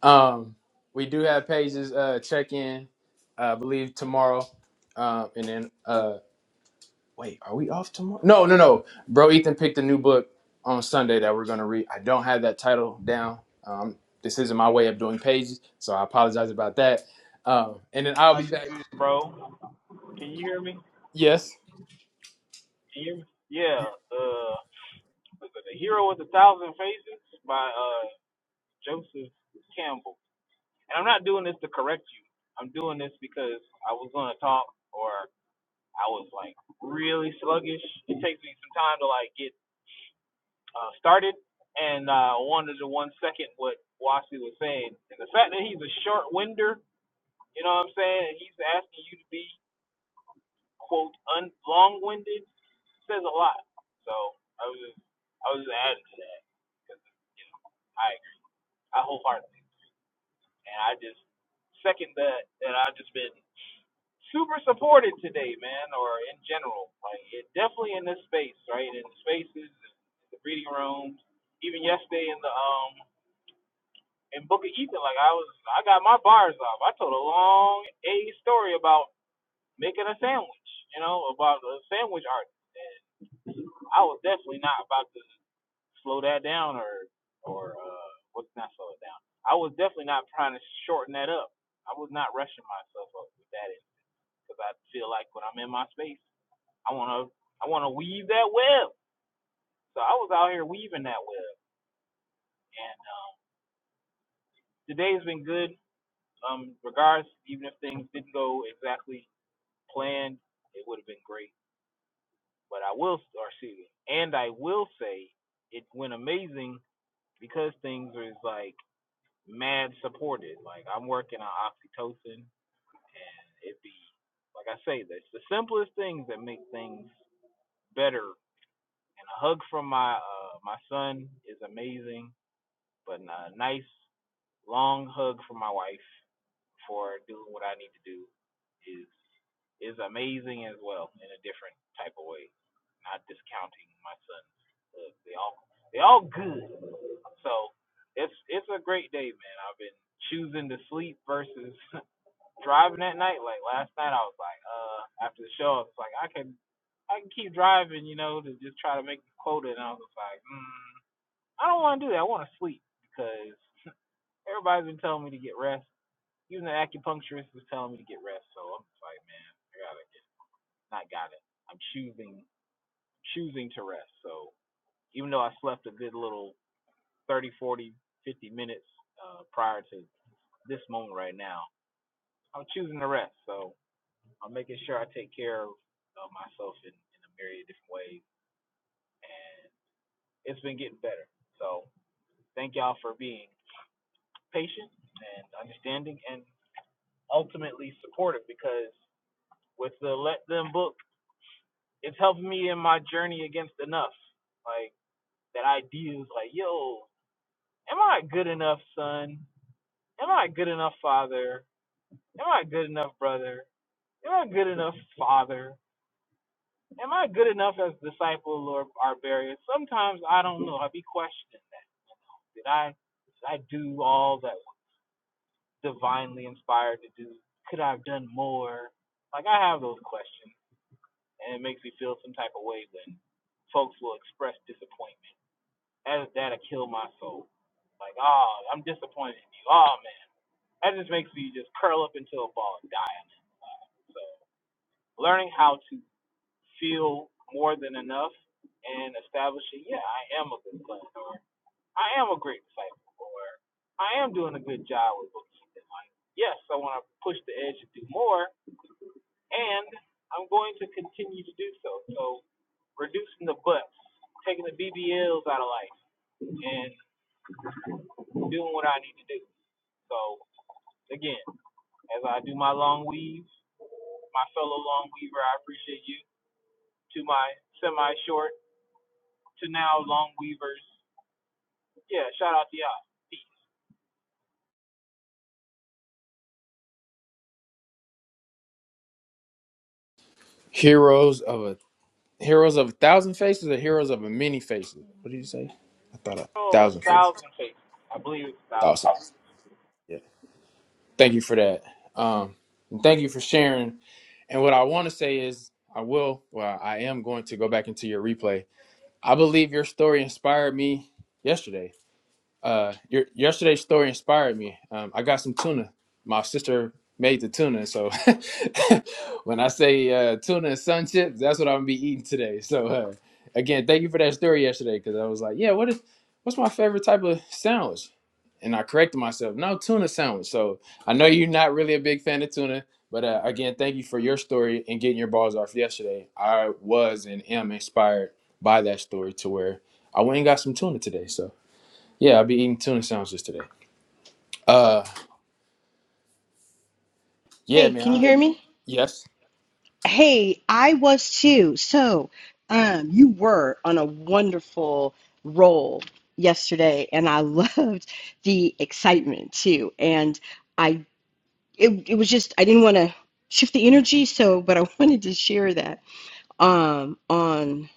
S1: Um, we do have pages uh, check in, uh, I believe tomorrow, um, and then uh, Wait, are we off tomorrow? No, no, no. Bro, Ethan picked a new book on Sunday that we're gonna read. I don't have that title down. Um, this isn't my way of doing pages, so I apologize about that. Um, and then I'll be back. Yes, heroes of a heroes of a thousand faces or heroes of a many faces. What did you say? I thought a thousand faces. Thousand. Yeah. Thank you for that. Um, and thank you for sharing. And what I want to say is, I will. Well, I am going to go back into your replay I believe your story inspired me yesterday. Uh, your yesterday's story inspired me. Um, I got some tuna. My sister made the tuna, so when I say uh, tuna and sun chips, that's what I'm gonna be eating today. So uh, again, thank you for that story yesterday because I was like, yeah, what is what's my favorite type of sandwich? And I corrected myself. No, tuna sandwich. So I know you're not really a big fan of tuna, but uh, again, thank you for your story and getting your balls off yesterday. I was and am inspired by that story to where I went and got some tuna today. So. Yeah, I'll be eating tuna sandwiches today. Uh, yeah,
S3: Hey,
S1: man.
S3: can you
S1: I,
S3: hear me?
S1: yes.
S3: Hey, I was too. So, um, you were on a wonderful roll yesterday, and I loved the excitement too. And I it, it was just I didn't want to shift the energy, so but I wanted to share that um on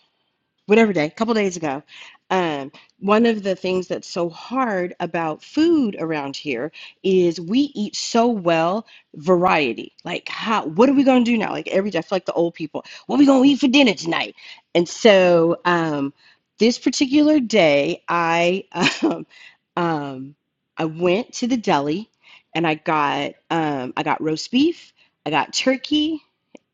S3: whatever day, a couple days ago. Um, one of the things that's so hard about food around here is we eat so well variety. Like, how? What are we gonna do now? Like every day, I feel like the old people. What are we gonna eat for dinner tonight? And so, um, this particular day, I um, um, I went to the deli and I got um, I got roast beef, I got turkey,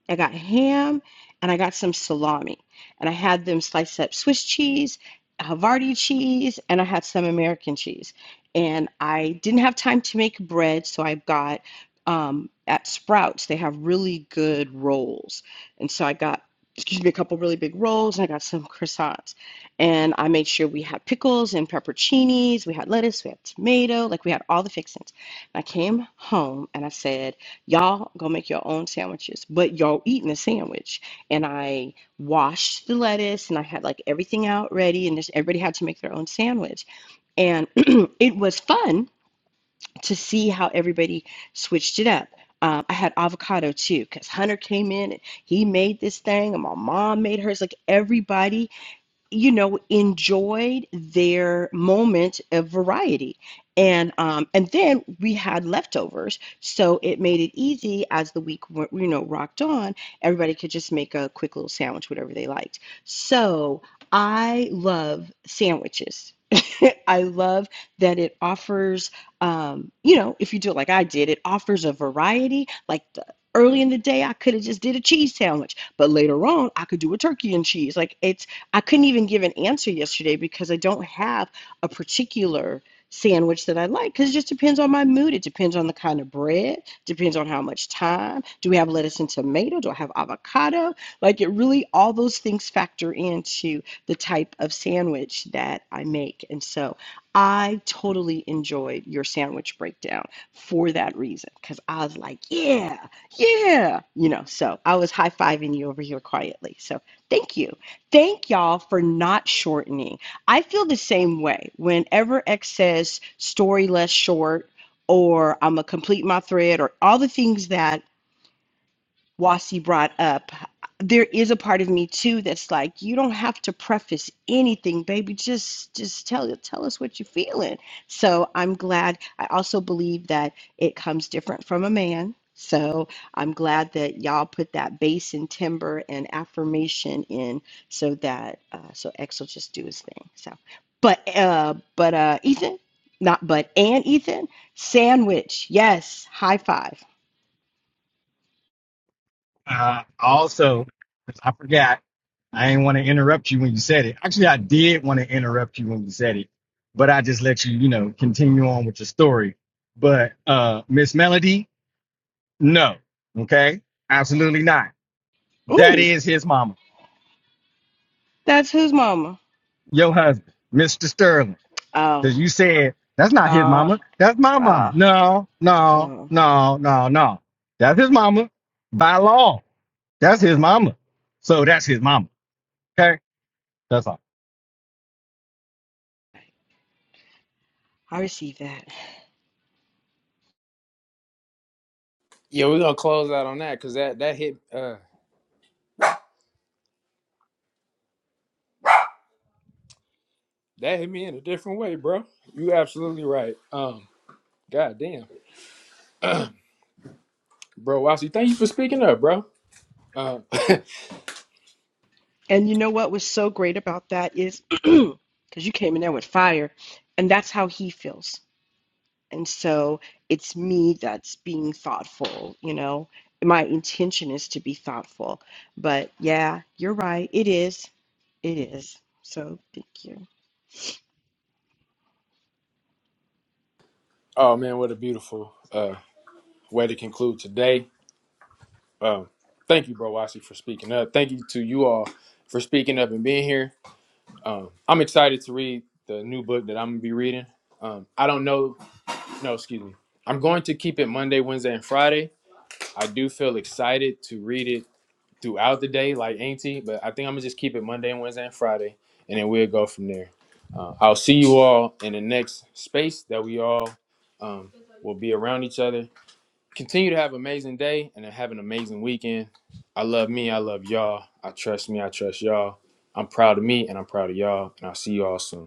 S3: I got ham and I got some salami. And I had them slice up Swiss cheese, Havarti cheese, and I had some American cheese. And I didn't have time to make bread, so I got um, at Sprouts, they have really good rolls. And so I got, excuse me, a couple really big rolls and I got some croissants. And I made sure we had pickles and pepperoncinis, we had lettuce, we had tomato, like we had all the fixings. And I came home and I said, Y'all go make your own sandwiches, but y'all eating a sandwich. And I washed the lettuce and I had like everything out ready, and just everybody had to make their own sandwich. And it was fun to see how everybody switched it up. Um, I had avocado too, because Hunter came in and he made this thing, and my mom made hers. Like everybody you know enjoyed their moment of variety and um and then we had leftovers so it made it easy as the week you know rocked on everybody could just make a quick little sandwich whatever they liked so i love sandwiches i love that it offers um you know if you do it like i did it offers a variety like the early in the day i could have just did a cheese sandwich but later on i could do a turkey and cheese like it's I couldn't even give an answer yesterday because I don't have a particular sandwich that I like because it just depends on my mood. It depends on the kind of bread, depends on how much time. Do we have lettuce and tomato? Do I have avocado? Like it really, all those things factor into the type of sandwich that I make. And so I totally enjoyed your sandwich breakdown for that reason because I was like, yeah, yeah, you know, so I was high fiving you over here quietly. So thank you thank y'all for not shortening. I feel the same way. Whenever X says story less short, or I'm gonna complete my thread, or all the things that Wasi brought up, there is a part of me too that's like, you don't have to preface anything, baby. Just just tell tell us what you're feeling. So I'm glad. I also believe that it comes different from a man. So I'm glad that y'all put that base and timber and affirmation in so that uh, so X will just do his thing. So, but uh, but uh, Ethan, not but and Ethan sandwich. Yes, high five.
S4: Uh, also, 'cause I forgot, I didn't want to interrupt you when you said it. Actually, I did want to interrupt you when you said it, but I just let you, you know, continue on with your story. But uh, Miss Melody, no, okay, absolutely not. That
S3: Ooh,
S4: is his mama,
S3: that's whose mama.
S4: your husband, Mr. Sterling,
S3: Oh,
S4: because you said that's not his
S3: uh,
S4: mama, that's my mama.
S3: uh,
S4: No,
S3: uh,
S4: no, no, no, no, that's his mama by law. That's his mama, so that's his mama. Okay, that's all.
S3: I received that.
S1: Yeah, we're gonna close out on that because that that hit uh that hit me in a different way, bro. You absolutely right. Um, goddamn, bro. Wasi, thank you for speaking up, bro. Um,
S3: And you know what was so great about that is because you came in there with fire, and that's how he feels. And so it's me that's being thoughtful, you know. My intention is to be thoughtful. But yeah, you're right. It is. It is. So thank you.
S1: oh man, what a beautiful uh way to conclude today. Um, thank you, bro, Wasi, for speaking up. Thank you to you all for speaking up and being here. Um, I'm excited to read the new book that I'm gonna be reading. Um, I don't know. No, excuse me. I'm going to keep it Monday, Wednesday, and Friday I do feel excited to read it throughout the day, like Auntie, but I think I'm gonna just keep it Monday and Wednesday and Friday, and then we'll go from there. Uh, I'll see you all in the next space that we all um, will be around each other. Continue to have an amazing day and have an amazing weekend. I love me. I love y'all. I trust me. I trust y'all. I'm proud of me and I'm proud of y'all. And I'll see you all soon.